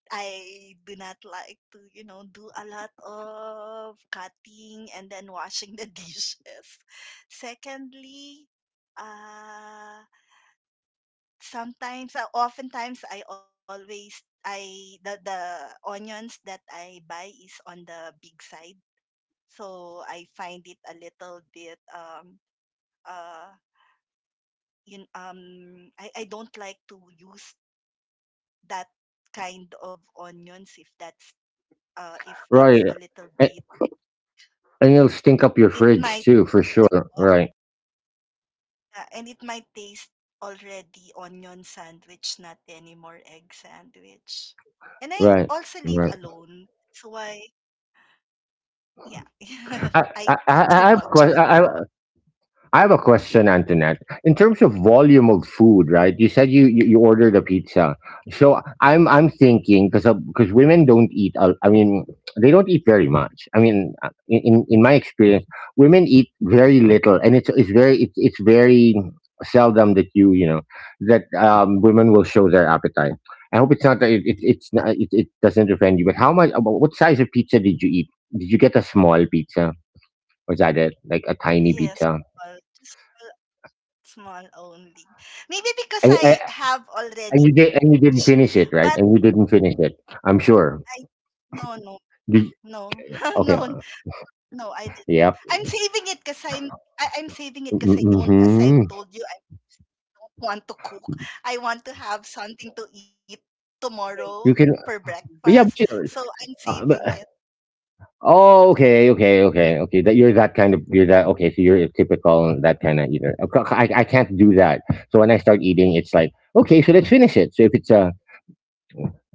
I do not like to, you know, do a lot of cutting and then washing the dishes. Secondly, uh sometimes, uh, oftentimes, I always I the the onions that I buy is on the big side. So I find it a little bit um uh in um I, I don't like to use that kind of onions if that's uh, if it's
right,
a little
a-
bit.
and it'll stink up your
It might,
fridge too, for sure. Right,
uh, and it might taste already onion sandwich, not anymore egg sandwich. And I
right,
also live
right.
alone. So I, yeah,
I,
I
I,
talk
I
too
I have a
much also.
question. I have a question, Antoinette. In terms of volume of food, right? You said you you, you ordered a pizza, so I'm I'm thinking, because because women don't eat. a- I mean, they don't eat very much. I mean, uh, in in in my experience, women eat very little, and it's it's very it's it's very seldom that you you know that um, women will show their appetite. I hope it's not that, it, it it's not it, it doesn't offend you. But how much, about what size of pizza did you eat? Did you get a small pizza? Was that it? Like a tiny
Yes,
pizza?
small, just small, small only. Maybe because
I,
I
I,
have already,
And you did, and you
ch-
didn't finish it,
but
right? And you didn't finish it. I'm
I,
sure.
no, no,
Did,
no, no,
okay.
no, I did not.
Yep.
I'm saving it because I'm, I, I'm saving it because I don't, as I've
Mm-hmm.
told you, want to cook. I want to have something to eat tomorrow
great.
You
for
can.
breakfast.
But yeah. But you,
So I'm saving
uh,
it.
but- oh, okay. Okay. Okay. Okay. That you're that kind of. You're that. Okay. So you're a typical and that kind of eater. I, I I can't do that. So when I start eating, it's like, okay. So let's finish it. So if it's a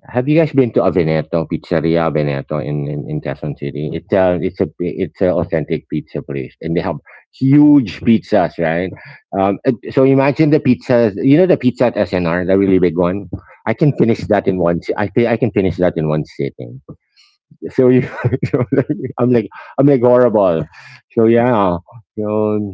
have you guys been to A Veneto, Pizzeria Veneto in, in, in Quezon City? It's a it's a it's an authentic pizza place, and they have huge pizzas, right? Um, uh, so imagine the pizzas. You know the pizza at S N R, the really big one. I can
Mm.
finish that in one. Si- I thi- I can finish that in one sitting. So you, so like, I'm like I'm like horrible. So yeah, so.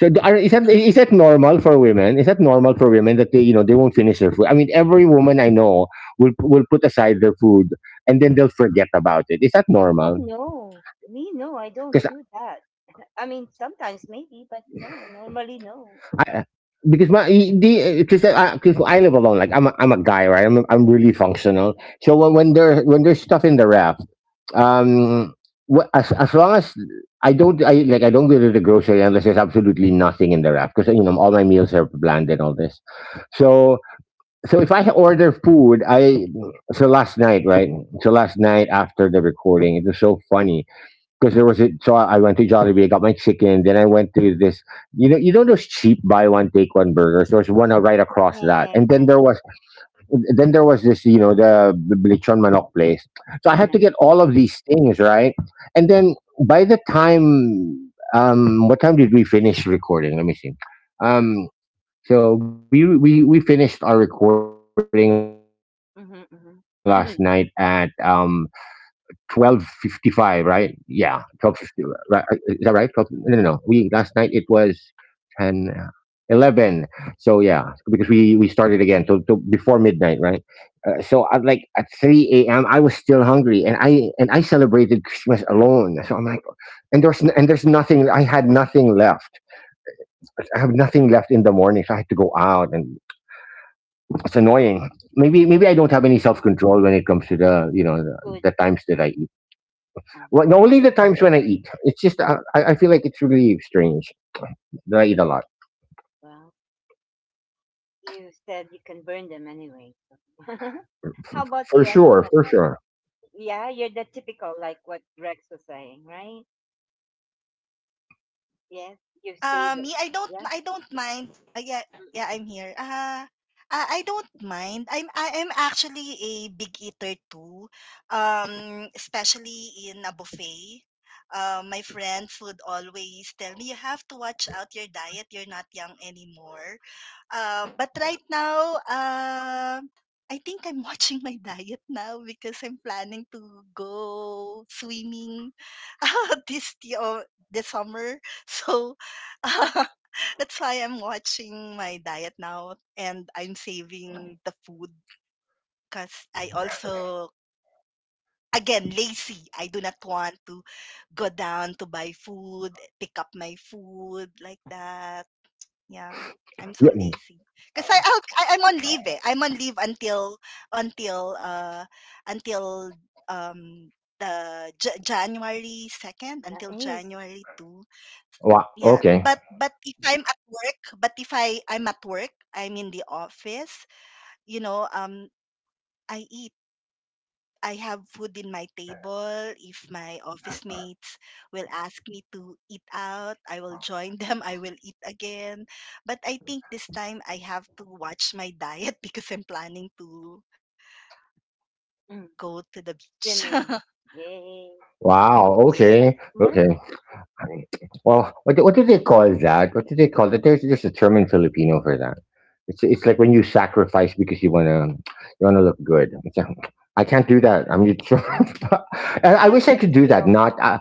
So do- are- is that is that normal for women? Is that normal for women that they you know they won't finish their food? I mean, every woman I know will will put aside their food, and then they'll forget about it. Is that
Oh
normal?
no, me no, I don't
Because
do that. I mean, sometimes maybe, but no, normally no.
I because my the because I, 'cause I live alone. Like I'm a, I'm a guy, right? I'm I'm really functional. So when when there when there's stuff in the ref, um, wh- as as long as I don't I like I don't go to the grocery unless there's absolutely nothing in the ref, because you know all my meals are bland and all this. So so if I order food, I so last night, right? So last night after the recording, it was so funny because there was a so I went to Jollibee, I got my chicken, then I went to this, you know, you know those cheap buy one take one burgers. There was one right across
Nah,
that,
nah,
and then
nah,
there was then there was this, you know, the the lechon manok place. So I had to get
nah.
all of these things, right, and then by the time, um, what time did we finish recording? Let me see. um. So we we we finished our recording last night at
Mm-hmm,
um
mm-hmm.
twelve fifty five, right? Yeah, twelve fifty. Right? uh, Is that right? Twelve? No, no, no. We Last night it was ten. uh, eleven, so yeah, because we we started again till, till before midnight, right. Uh, so at like at three a m, I was still hungry, and i and i celebrated Christmas alone, so I'm like, and there's n- and there's nothing. I had nothing left. I have nothing left in the morning, so I had to go out, and it's annoying. Maybe maybe I don't have any self control when it comes to the you know the,
Good.
the times that I eat.
Um,
Well, no, only the times when I eat. It's just, uh, I I feel like it's really strange that I eat a lot.
well, you said you can burn them anyway. So. How about
For
you,
sure,
Antoinette?
for sure.
Yeah, you're the typical, like what Rex was saying, right? Yes, you
Uh,
save it.
me, I don't,
Yeah.
I don't mind. Uh, yeah, yeah,
Mm-mm.
I'm here. Uh, uh, I don't mind. I'm, I am actually a big eater too. Um, especially in a buffet. Uh, my friends would always tell me, you have to watch out your diet. You're not young anymore. Uh, but right now, uh, I think I'm watching my diet now because I'm planning to go swimming this y- uh, this summer. So uh, that's why I'm watching my diet now, and I'm saving the food because I also again lazy. I do not want to go down to buy food, pick up my food like that. Yeah. I'm so
Yeah.
lazy. Cause I I'll, I I'm on leave. Eh. I'm on leave until until uh until um the J- January second, until
Nice.
January second.
Wow.
Yeah,
Okay.
but but if I'm at work, but if I I'm at work, I'm in the office, you know, um I eat, I have food in my table. If my office mates will ask me to eat out, I will join them. I will eat again. But I think this time I have to watch my diet because I'm planning to
Mm.
go to the beach.
Swimming. Yay.
Wow.
Yes.
By
Okay.
summer?
Okay. Right. Well, what do- what do they call that? What do they call that? There's there's a term in Filipino for that. It's it's like when you sacrifice because you wanna you wanna look good. It's like, I can't do that. I'm just, and I
Done
wish I
it
could do that.
still.
Not I,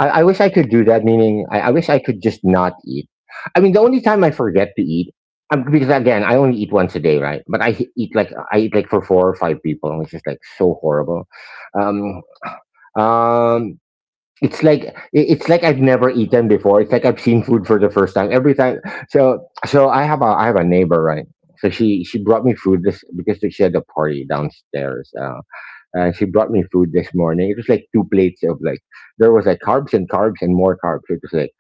I I wish I could do that. Meaning I, I wish I could just not eat. I mean, the only time I forget to eat. um, Because again, I only eat once a day, right? But I h- eat like I eat like for four or five people, which is like so horrible. Um, um, it's like it's like I've never eaten before. It's like I've seen food for the first time. Every time, so so I have a I have a neighbor, right. So she she brought me food this, because she had a party downstairs. Uh, and she brought me food this morning. It was like two plates of, like, there was like carbs and carbs and more carbs. It was like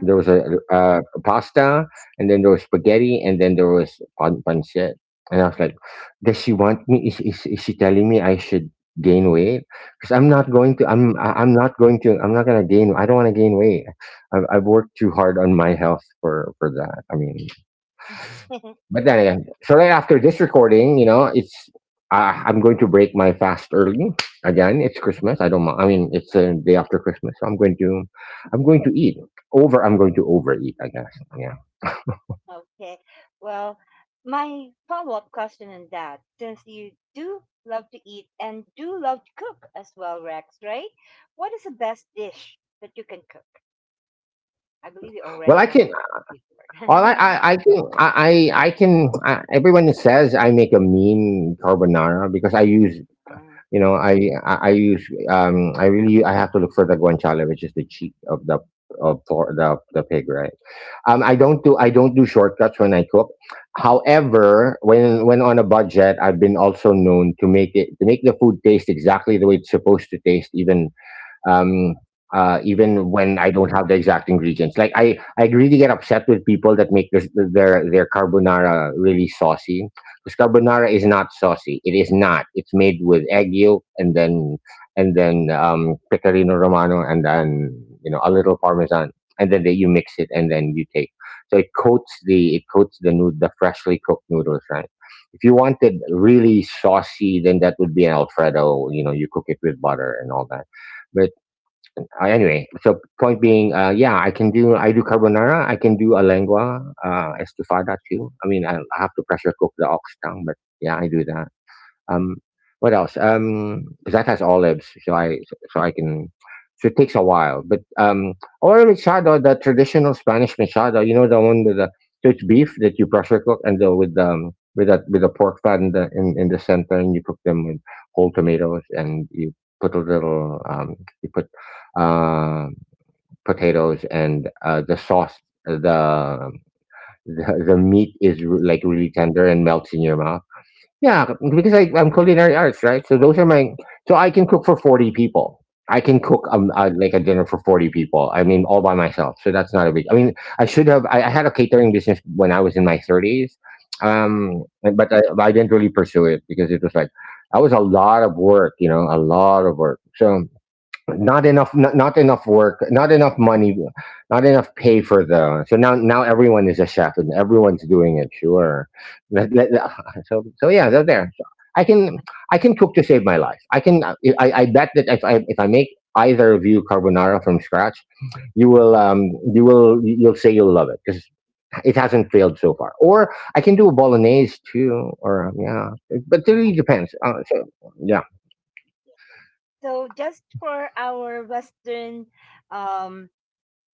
there was a, uh a pasta, and then there was spaghetti, and then there was pan pancit. And I was like, "Does she want me? Is is, is she telling me I should gain weight? Because I'm not going to. I'm I- I'm not going to. I'm not gonna gain. I don't want to gain weight. I've I've worked too hard on my health for for that. I mean." But then again, so right after this recording, you know, it's uh, I'm going to break my fast early. Again, it's Christmas. I don't. Mi- I mean, it's a day after Christmas, so I'm going to, I'm going to eat over. I'm going to overeat. I guess. Yeah.
Okay. Well, my follow up question on that, since you do love to eat and do love to cook as well, Rex, right? What is the best dish that you can cook? I believe you
Well,
already
I
asked
can. All I,
before.
I, I can. I, I I can. I, Everyone says I make a mean carbonara because I use…
Uh,
You know, I I, I usually um I really I have to look for the guanciale, which is the cheek of the of por- the the pig, right? Um, I don't do I don't do shortcuts when I cook. However, when when on a budget, I've been also known to make it to make the food taste exactly the way it's supposed to taste, even um, uh,
you just-
even when I don't have the exact ingredients. Like I, I really get upset with people that make their their, their carbonara really saucy because carbonara is not saucy. It is not. It's made with egg yolk and then and then um, pecorino romano, and then you know, a little parmesan, and then they, you mix it and then you take. So it coats the it coats the nood the freshly cooked noodles, right. If you wanted really saucy, then that would be an Alfredo. You know, you cook it with butter and all that. Uh, anyway, so point being, uh, yeah, I can do I do carbonara, I can do a lengua, uh, estofada too. I mean, I, I have to pressure cook the ox tongue, but yeah, I do that. Um, what else? Um, 'cause that has olives, so I so I can. So it takes a while, but um, or a machado, the traditional Spanish machado. You know the one with the… So it's beef that you pressure cook, and the, with um with that, with the pork fat in the in, in the center, and you cook them with whole tomatoes, and you put a little um you put uh, potatoes and uh, the sauce, the the, the meat is
you
r-
just-
like really tender and melts in your mouth. Yeah, because I, I'm culinary arts, right? So those are my… So I can cook for forty people. I can
Wow.
cook um uh, like a dinner for forty people. I mean, all by myself. So that's not a big… I mean, I should have. I, I had a catering business when I was in my thirties,
Wow.
um, but I, I didn't really pursue it because it was like that was a lot of work. You know, a lot of work. So not enough… not, Not enough work, not enough money, not enough pay for the… So now, now everyone is a chef and everyone's doing it. Sure. Let- let- so so yeah, they're there, so I can… I can cook to save my life. I can… i i bet that if i if I make either of you carbonara from scratch, you will… um you will you'll say you'll love it, because it hasn't failed so far. Or I can do a bolognese too, or um, yeah, but it really
Um,
depends. Uh, so, yeah.
So just for our Western um,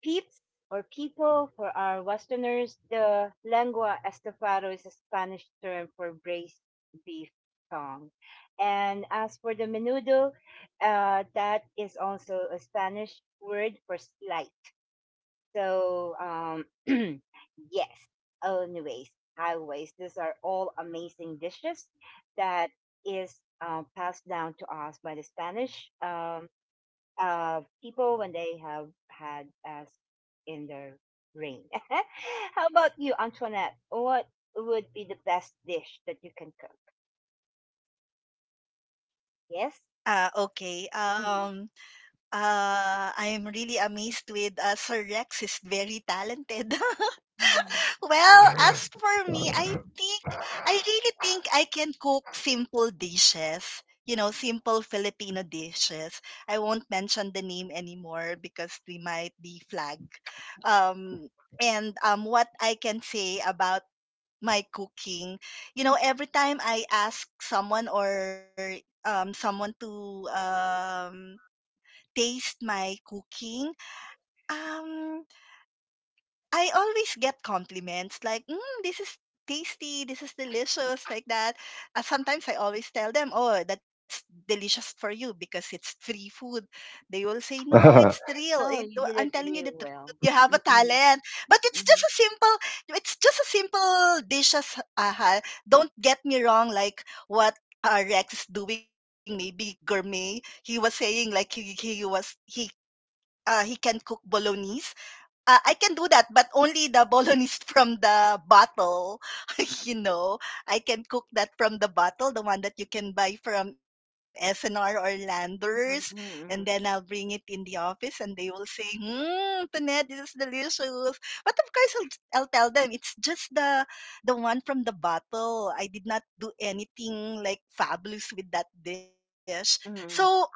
peeps or people, for our Westerners, the lengua estofado is a Spanish term for braised beef tongue. And as for the menudo, uh, that is also a Spanish word for slice. So, um, yes. Oh, anyways, highways. These are all amazing dishes that is uh, passed down to us by the Spanish um, uh, people when they have had us in their reign. How about you, Antoinette? What would be the best dish that you can cook? Yes.
Uh, okay. Um. Uh, I'm really amazed with uh, Sir Rex is very talented.
Mm-hmm.
Well, as for me, I think I really think I can cook simple dishes. You know, simple Filipino dishes. I won't mention the name anymore because we might be flagged. Um, and um, what I can say about my cooking, you know, every time I ask someone, or um, someone to um, taste my cooking, um I always get compliments like, mm, this is tasty, this is delicious, like that. Uh, sometimes I always tell them, oh, that's delicious for you because it's free food. They will say, no, it's real. It,
No, you did
I'm
it
telling you the
really
truth.
well.
You have a
Mm-hmm.
talent. But it's just
Mm-hmm.
a simple, it's just a simple dishes. Uh, ha- don't get me wrong, like what uh, Rex is doing, maybe gourmet. He was saying like he, he was, he, uh, he can cook bolognese. uh, I can do that, but only the bolognese from the bottle. You know, I can cook that from the bottle, the one that you can buy from S N R or Landers,
Mm-hmm.
and
Mm-hmm.
then I'll bring it in the office, and they will say, "Hmm, Tonette, this is delicious." But of course, I'll, I'll tell them it's just the the one from the bottle. I did not do anything like fabulous with that dish.
Mm-hmm.
So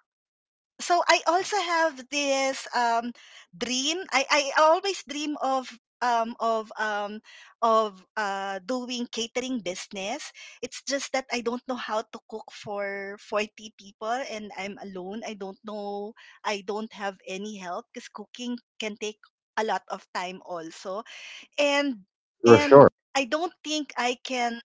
so I also have this um, dream. I, I always dream of um, of um, of uh, doing catering business. It's just that I don't know how to cook for forty people, and I'm alone. I don't know. I don't have any help because cooking can take a lot of time also, and
For sure.
and I don't think I can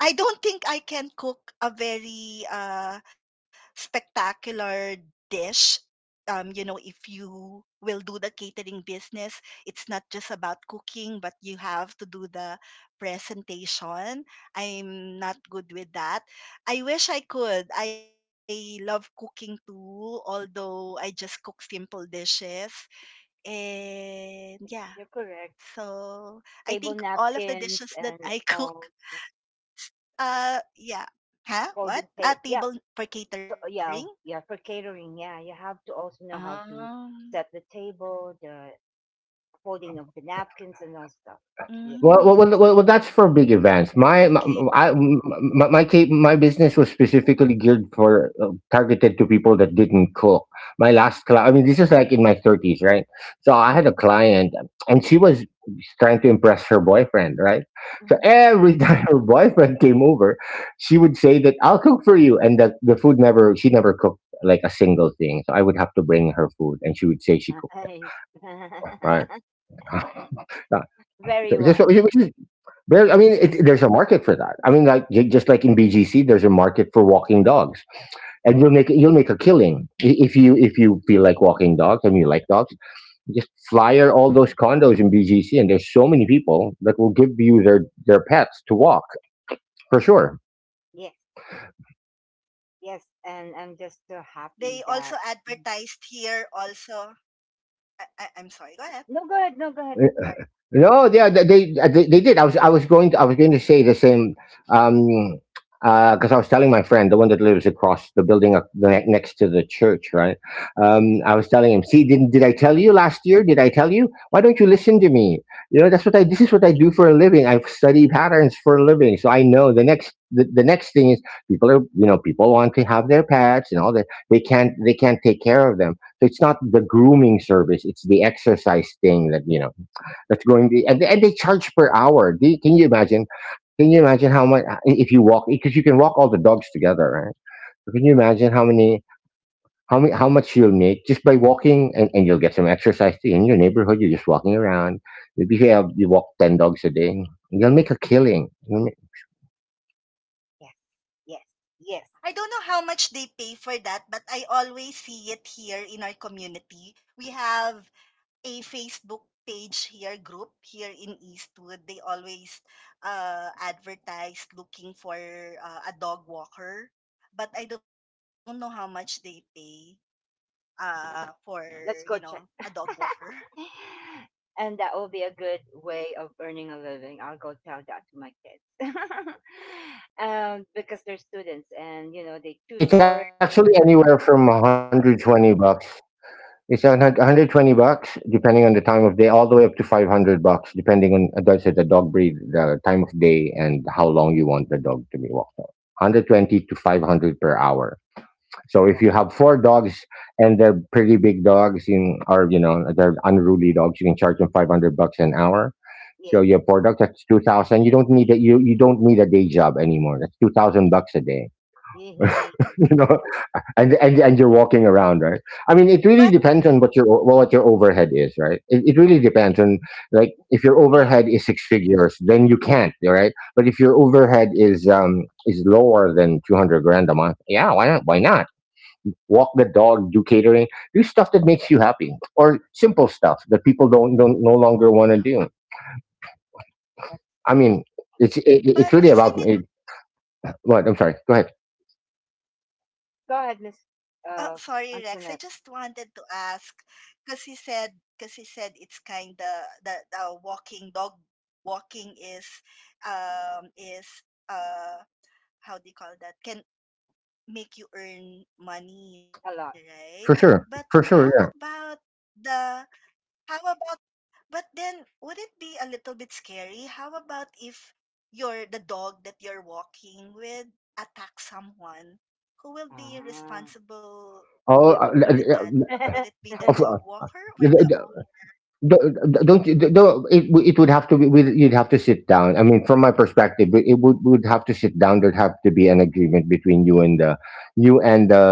I don't think I can cook a very uh, spectacular dish. Um, you know, if you will do the catering business, it's not just about cooking, but you have to do the presentation. I'm not good with that. I wish I could. I love cooking too, although I just cook simple dishes. And yeah,
You're correct.
so I think
Table
all of the dishes
napkins
that I
and
cook
all
uh, yeah. Huh? What?
folding
A
tape. Yeah,
table for
so,
catering?
yeah, yeah. For catering, yeah, you have to also know how
Um,
to set the table, the folding of the napkins, and all stuff. Yeah.
mm,
Well, well, well, well, well, that's for big events. My,
Okay.
my, I, my, my, ca- My business was specifically geared for… uh, Targeted to people that didn't cook. My last client, I mean, this is like in my thirties, right? So I had a client, and she was trying to impress her boyfriend, right? So
Mhm.
every time her boyfriend came over, she would say that I'll cook for you, and that… The food never… She never cooked like a single thing. So I would have to bring her food, and she would say she cooked,
Nice.
right?
Very
So-
wise.
so- which is… there, I mean, it, there's a market for that. I mean, like ju- just like in B G C, there's a market for walking dogs, and you'll make you'll make a killing I- if you… if you feel like walking dogs and you like dogs. Just flyer all those condos in B G C, and there's so many people that will give you their their pets to walk, for sure.
Yes, yes. And I'm just so
They
happy
also
that.
advertised here also. I, I, I'm sorry, go ahead.
No, go ahead. No, go ahead.
No, yeah, they they, uh, they they did. I was I was going to… I was going to say the same. um uh because I was telling my friend, the one that lives across the building up the ne- next to the church, right? Um I was telling him, "See, didn't did I tell you last year? Did I tell you? Why don't you listen to me? You know, that's what I… this is what I do for a living. I study patterns for a living. So I know the next… the, the next thing is people are, you know, people want to have their pets and all that. They can't they can't take care of them. So it's not the grooming service, it's the exercise thing that, you know, that's going to… and, and they charge per hour. Do you, can you imagine? Can you imagine how much uh, if you walk, because you can walk all the dogs together, right? So can you imagine how many… how many, how much you'll make just by walking, and, and you'll get some exercise too, in your neighborhood. You're just walking around. If you have you walk ten dogs a day, you'll make a killing. You'll make…
Yes, yes, yes.
I don't know how much they pay for that, but I always see it here in our community. We have a Facebook page here, group here in Eastwood. They always uh, advertise looking for uh, a dog walker, but I don't know how much they pay, uh, for you know a
Let's go
dog
check.
walker.
And that will be a good way of earning a living. I'll go tell that to my kids. Um, because they're students and you know they tutor
It's actually
me.
anywhere from a hundred twenty bucks… It's a hun- a hundred twenty bucks depending on the time of day, all the way up to five hundred bucks depending on uh, that's it, the dog breed, the time of day, and how long you want the dog to be walked on. one twenty to five hundred per hour. So if
Wow.
you have four dogs, and they're pretty big dogs in, or you know they're unruly dogs, you can charge them five hundred bucks an hour.
Yeah,
So your four dogs, that's two thousand. You don't need a… you you don't need a day job anymore. That's two thousand bucks a day.
yeah, yeah,
You know, and and and you're walking around, right? I mean, it
But
really depends on what your o- well, what your overhead is, right? It, it really depends on… Like if your
read.
overhead is six figures, then you can't, right? But if your overhead is um is lower than two hundred grand a month, yeah, why not? Why not? Walk the dog, do catering, do stuff that makes you happy, or simple stuff that people don't don't no longer want to do.
That's
I mean,
amazing.
it's it, it's
but
really about
isn't it?
it, what… I'm sorry. Go ahead.
Go ahead, Miss
Uh, sorry,
uh,
Rex. I just
Antoinette.
wanted to ask because he said because he said it's kind of the the walking dog walking is um is uh how do you call that, can make you earn money,
A
right,
lot.
but
For
Yeah.
how
sure, for sure,
about
yeah.
the how about but then, would it be a little bit scary? How about if your the dog that you're walking with attacks someone? Who will be
Ah,
responsible with that?
Oh,
the
uh,
Would
uh,
it
uh,
be the dog walker
owner,
of-
or
uh,
the owner?
don't don't, don't… it, w- It would have to be with… You'd have to sit down. I mean, from my perspective, it it would… would have to sit down. There'd have to be an agreement between you and the… you and the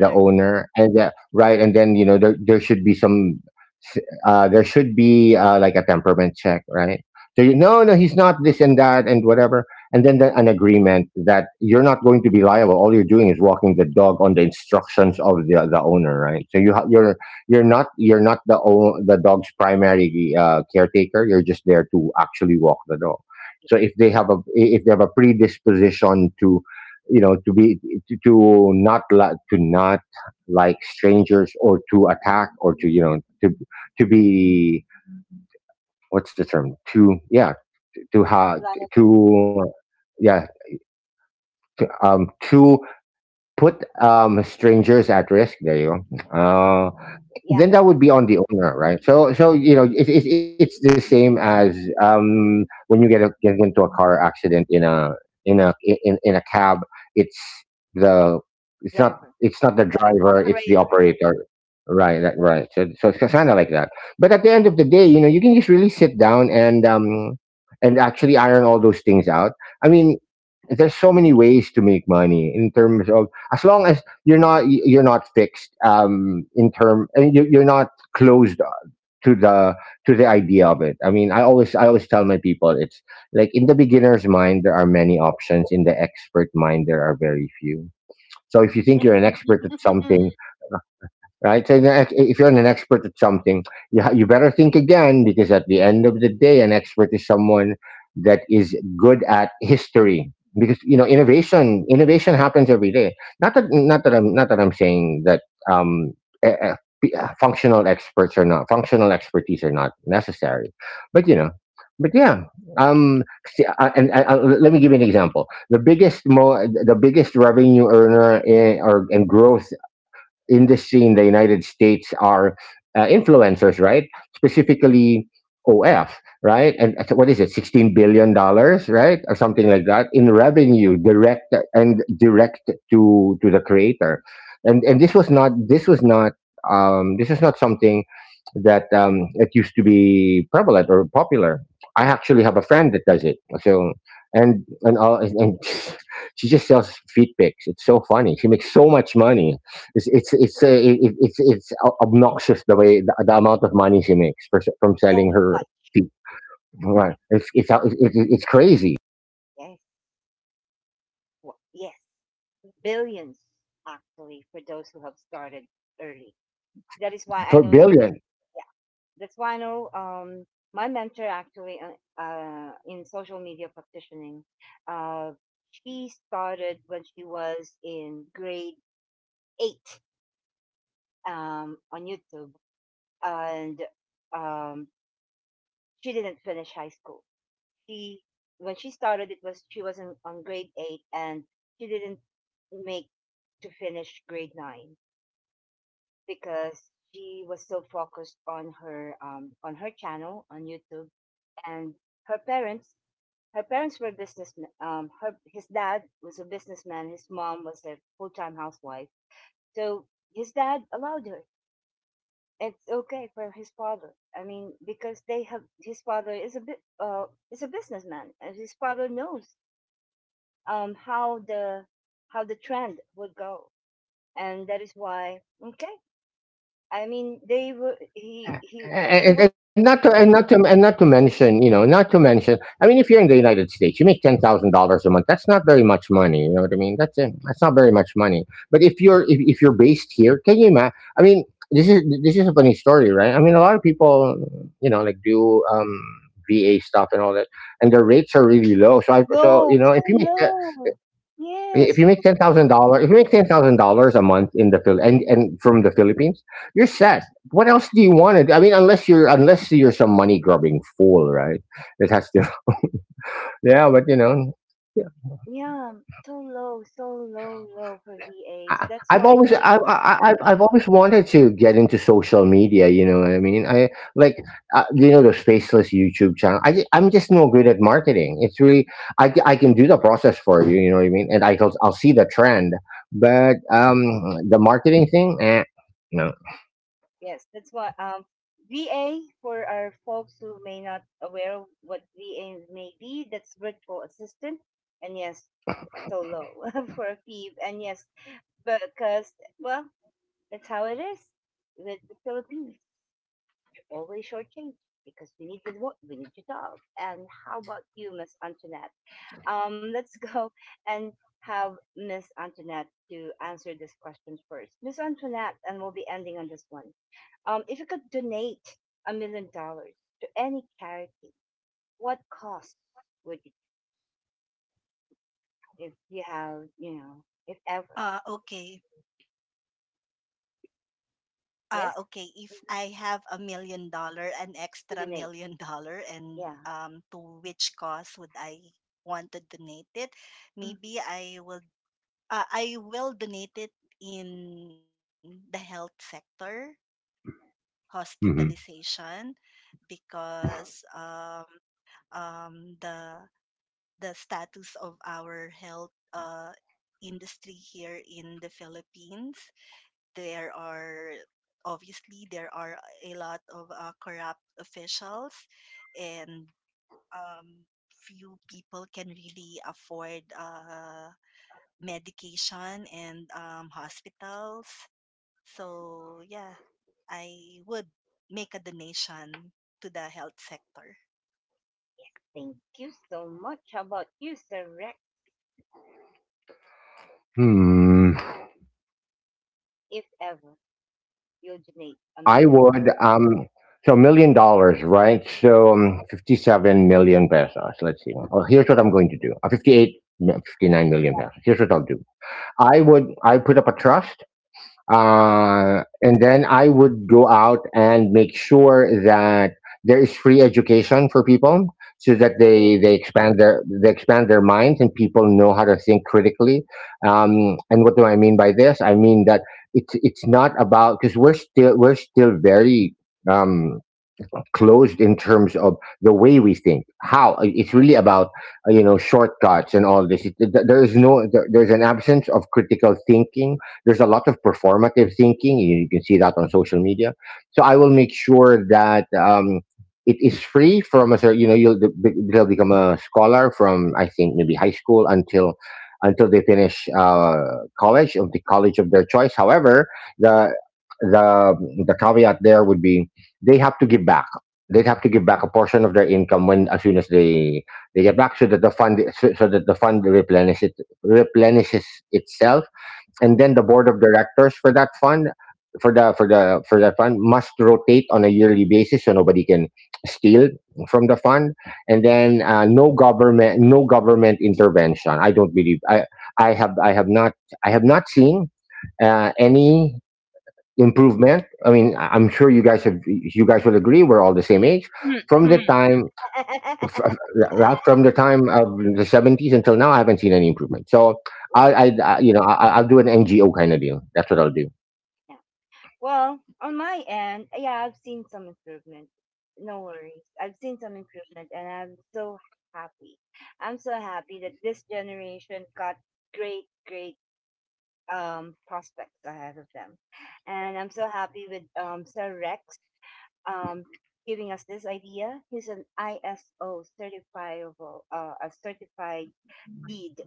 the owner, and the, right? And then you know, there, there should be some… s- uh there should be uh like a temperament check, right? So you… no, no, he's not this and that and whatever. And then the, an agreement that you're not going to be liable. All you're doing is walking the dog on the instructions of the the owner, right? So you ha- you're… you're not you're not the o- the dog's primary uh, caretaker. You're just there to actually walk the dog. So if they have a… if they have a predisposition to, you know, to be… to, to not li- to not like strangers, or to attack, or to, you know, to… to be… what's the term… to… yeah, to have…
driver.
to… yeah, to, um to put um strangers at risk, there you go. Uh,
Yeah,
then that would be on the owner, right? So, so you know, it, it, it's the same as um, when you get, a, get into a car accident in a… in a in, in a cab. It's… the… it's not…
driver,
it's not the
the
driver, it's the
operator.
operator, right? That, right. So, so it's kind of like that. But at the end of the day, you know, you can just really sit down and um, and actually iron all those things out. I mean, there's so many ways to make money in terms of… as long as you're not you're not fixed um in term, and you, you're not closed uh, to the… to the idea of it. I mean, i always I always tell my people, it's like in the beginner's mind there are many options, in the expert mind there are very few. So if you think you're an expert at something, right? So the ex- if you're an expert at something, you ha- you better think again, because at the end of the day, an expert is someone that is good at history. Because you know, innovation, innovation happens every day. Not that not that I'm not that I'm saying that um, e- e- p- uh, functional experts are not… functional expertise are not necessary, but you know. But yeah, um, see, I- and I, I, let me give you an example. The biggest, mo- the biggest revenue earner in, or and growth industry in the United States are uh, influencers, right? Specifically O F, right? And so what is it, sixteen billion dollars, right, or something like that in revenue, direct and direct to to the creator, and and this was not this was not um, this is not something that um, that used to be prevalent or popular. I actually have a friend that does it, so and and all and and she just sells feet pics. It's so funny. She makes so much money. It's it's it's uh, it, it's it's obnoxious the way the, the amount of money she makes for, from
So
selling her
much.
feet. Right.
Yeah.
It's it's it's, it's it's crazy
Yes. Wow. Yes. Billions, actually, for those who have started early. That is why I
for
know
billions.
somebody. Yeah, that's why I know um, my mentor, actually, uh, uh, in social media practitioning. Uh, she started when she was in grade eight um, on YouTube, and um, she didn't finish high school. She When she started, it was she was in, on grade eight, and she didn't make to finish grade nine because she was so focused on her, um, on her channel on YouTube, and her parents her parents were businessmen. Um, her His dad was a businessman. His mom was a full time housewife. So his dad allowed her. It's okay for his father. I mean, because they have, his father is a bit uh is a businessman, and his father knows um how the how the trend would go, and that is why okay. I mean, they were he he he
and, and not to and not to and not to mention, you know, not to mention. I mean, if you're in the United States, you make ten thousand dollars a month. That's not very much money. You know what I mean? That's it. That's not very much money. But if you're if, if you're based here, can you imagine? I mean, this is this is a funny story, right? I mean, a lot of people, you know, like do um V A stuff and all that, and their rates are really low. So I so
No,
you know,
so
if you make
low. Yes,
if you
so
make ten thousand
low.
dollars, if you make ten thousand dollars a month in the Phil and and from the Philippines, you're set. What else do you want to do? I mean, unless you're unless you're some money grubbing fool, right? That has to. Yeah, but you know.
Yeah, so low, so low, low for V As.
I,
That's
I've
why
always
they,
I, I, I've I've always wanted to get into social media. You know what I mean? I like uh, you know, those faceless YouTube channel. I ju- I'm just no good at marketing. It's really I, c- I can do the process for you. You know what I mean? And I will I'll see the trend, but um the marketing thing, eh, no.
yes, that's why um V A for our folks who may not aware of what V A may be, that's virtual assistant. And yes, so low for a fee. And yes, because, well, that's how it is with the Philippines. You're always shortchanged because we need the wo- we need the dog. And how about you, Miss Antoinette? Um, let's go and have Miss Antoinette to answer this question first. Miss Antoinette, and we'll be ending on this one. Um, if you could donate a million dollars to any charity, what cost would you, if you have, you know, if
Ah,
ever?
okay. Ah, okay.
Yes.
If I
Mm-hmm.
have a million dollars, an extra
To
million
donate.
dollar, and
Yeah.
um, to which cause would I want to donate it? Maybe
Mhm.
I will. Uh, I will donate it in the health sector, hospitalization,
hmm
because um, um, the the status of our health uh, industry here in the Philippines. There are obviously there are a lot of uh, corrupt officials, and um, few people can really afford uh, medication and um, hospitals. So yeah, I would make a donation to the health sector.
Thank you so much. How about you, Sir Rex?
Hmm.
If ever you'll donate a
I
million.
would um. So million dollars, right? So um, fifty-seven million pesos. Let's see. Well, here's what I'm going to do. Uh, fifty-eight, no, fifty-nine million pesos. Here's what I'll do. I would I put up a trust, uh, and then I would go out and make sure that there is free education for people, so that
Yay.
they they expand their they expand their minds and people know how to think critically. Um, and what do I mean by this? I mean that it's it's not about because we're still we're still very um, closed in terms of the way we think. How it's really about uh, you know, shortcuts and all this. It, th- there is no there, there's an absence of critical thinking. There's a lot of performative thinking. You, you can see that on social media. So I will make sure that um, it is free from a cer- you know, you'll, be- they'll become a scholar from I think maybe high school until until they finish uh, college of the college of their choice. However, the the the caveat there would be they have to give back they'd have to give back a portion of their income when as soon as they they get back so that the fund so, so that the fund replenish it, replenishes itself, and then the board of directors for that fund for the for the for that fund must rotate on a yearly basis so nobody can steal from the fund. And then uh, no government no government intervention. I don't believe. i i have I have not, I have not seen uh, any improvement. I mean, I- I'm sure you guys have, you guys will agree, we're all the same age. From the
Awesome.
time f- f- ra- from the time of the seventies until now, I haven't seen any improvement. So I,
Well.
I, I you know, I, I'll do an N G O kind of deal. That's what I'll do.
Well, on my end, yeah, I've seen some improvement. No worries. I've seen some improvement, and I'm so happy. I'm so happy that this generation got great, great um prospects ahead of them. And I'm so happy with um Sir Rex um giving us this idea. He's an I S O certifiable, uh a certified lead,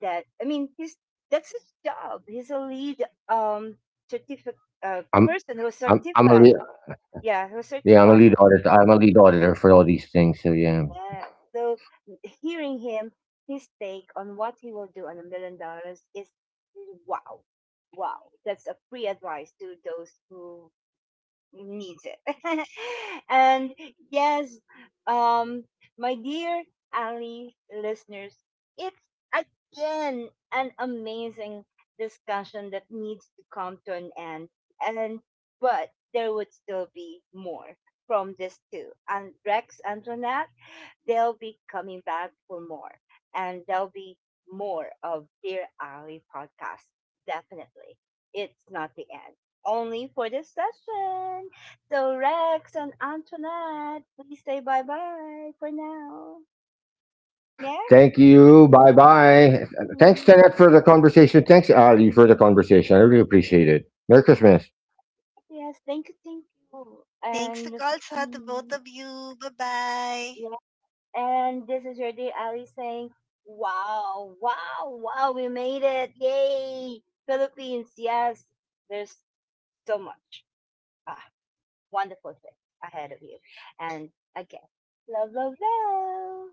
that I mean he's, that's his job. He's a lead um certificate, uh,
I'm,
person who
I'm, I'm a
certified,
lead,
yeah, he was
yeah, I'm a
certified.
lead auditor. I'm a lead auditor for all these things. So yeah.
Yeah. So hearing him, his take on what he will do on a million dollars is wow, wow. That's a free advice to those who needs it. And yes, um, my dear Ali listeners, it's again an amazing discussion that needs to come to an end. And but there would still be more from this too. And Rex, Antoinette, they'll be coming back for more. And there'll be more of Dear Ali podcast. Definitely. It's not the end. Only for this session. So Rex and Antoinette, please say bye bye for now. Yes?
Thank you. Bye bye. Thanks,
Mhm.
Tenet, for the conversation. Thanks, Ali, for the conversation. I really appreciate it. Merry Christmas.
Yes, thank you, thank you.
Thanks to
And this-
Kalsa, to both
mm,
of you. Bye bye.
yeah, and this is your dear Ali saying, wow, wow, wow, we made it. Yay! Philippines, yes. There's so much. Ah, wonderful things ahead of you. And again, love, love, love.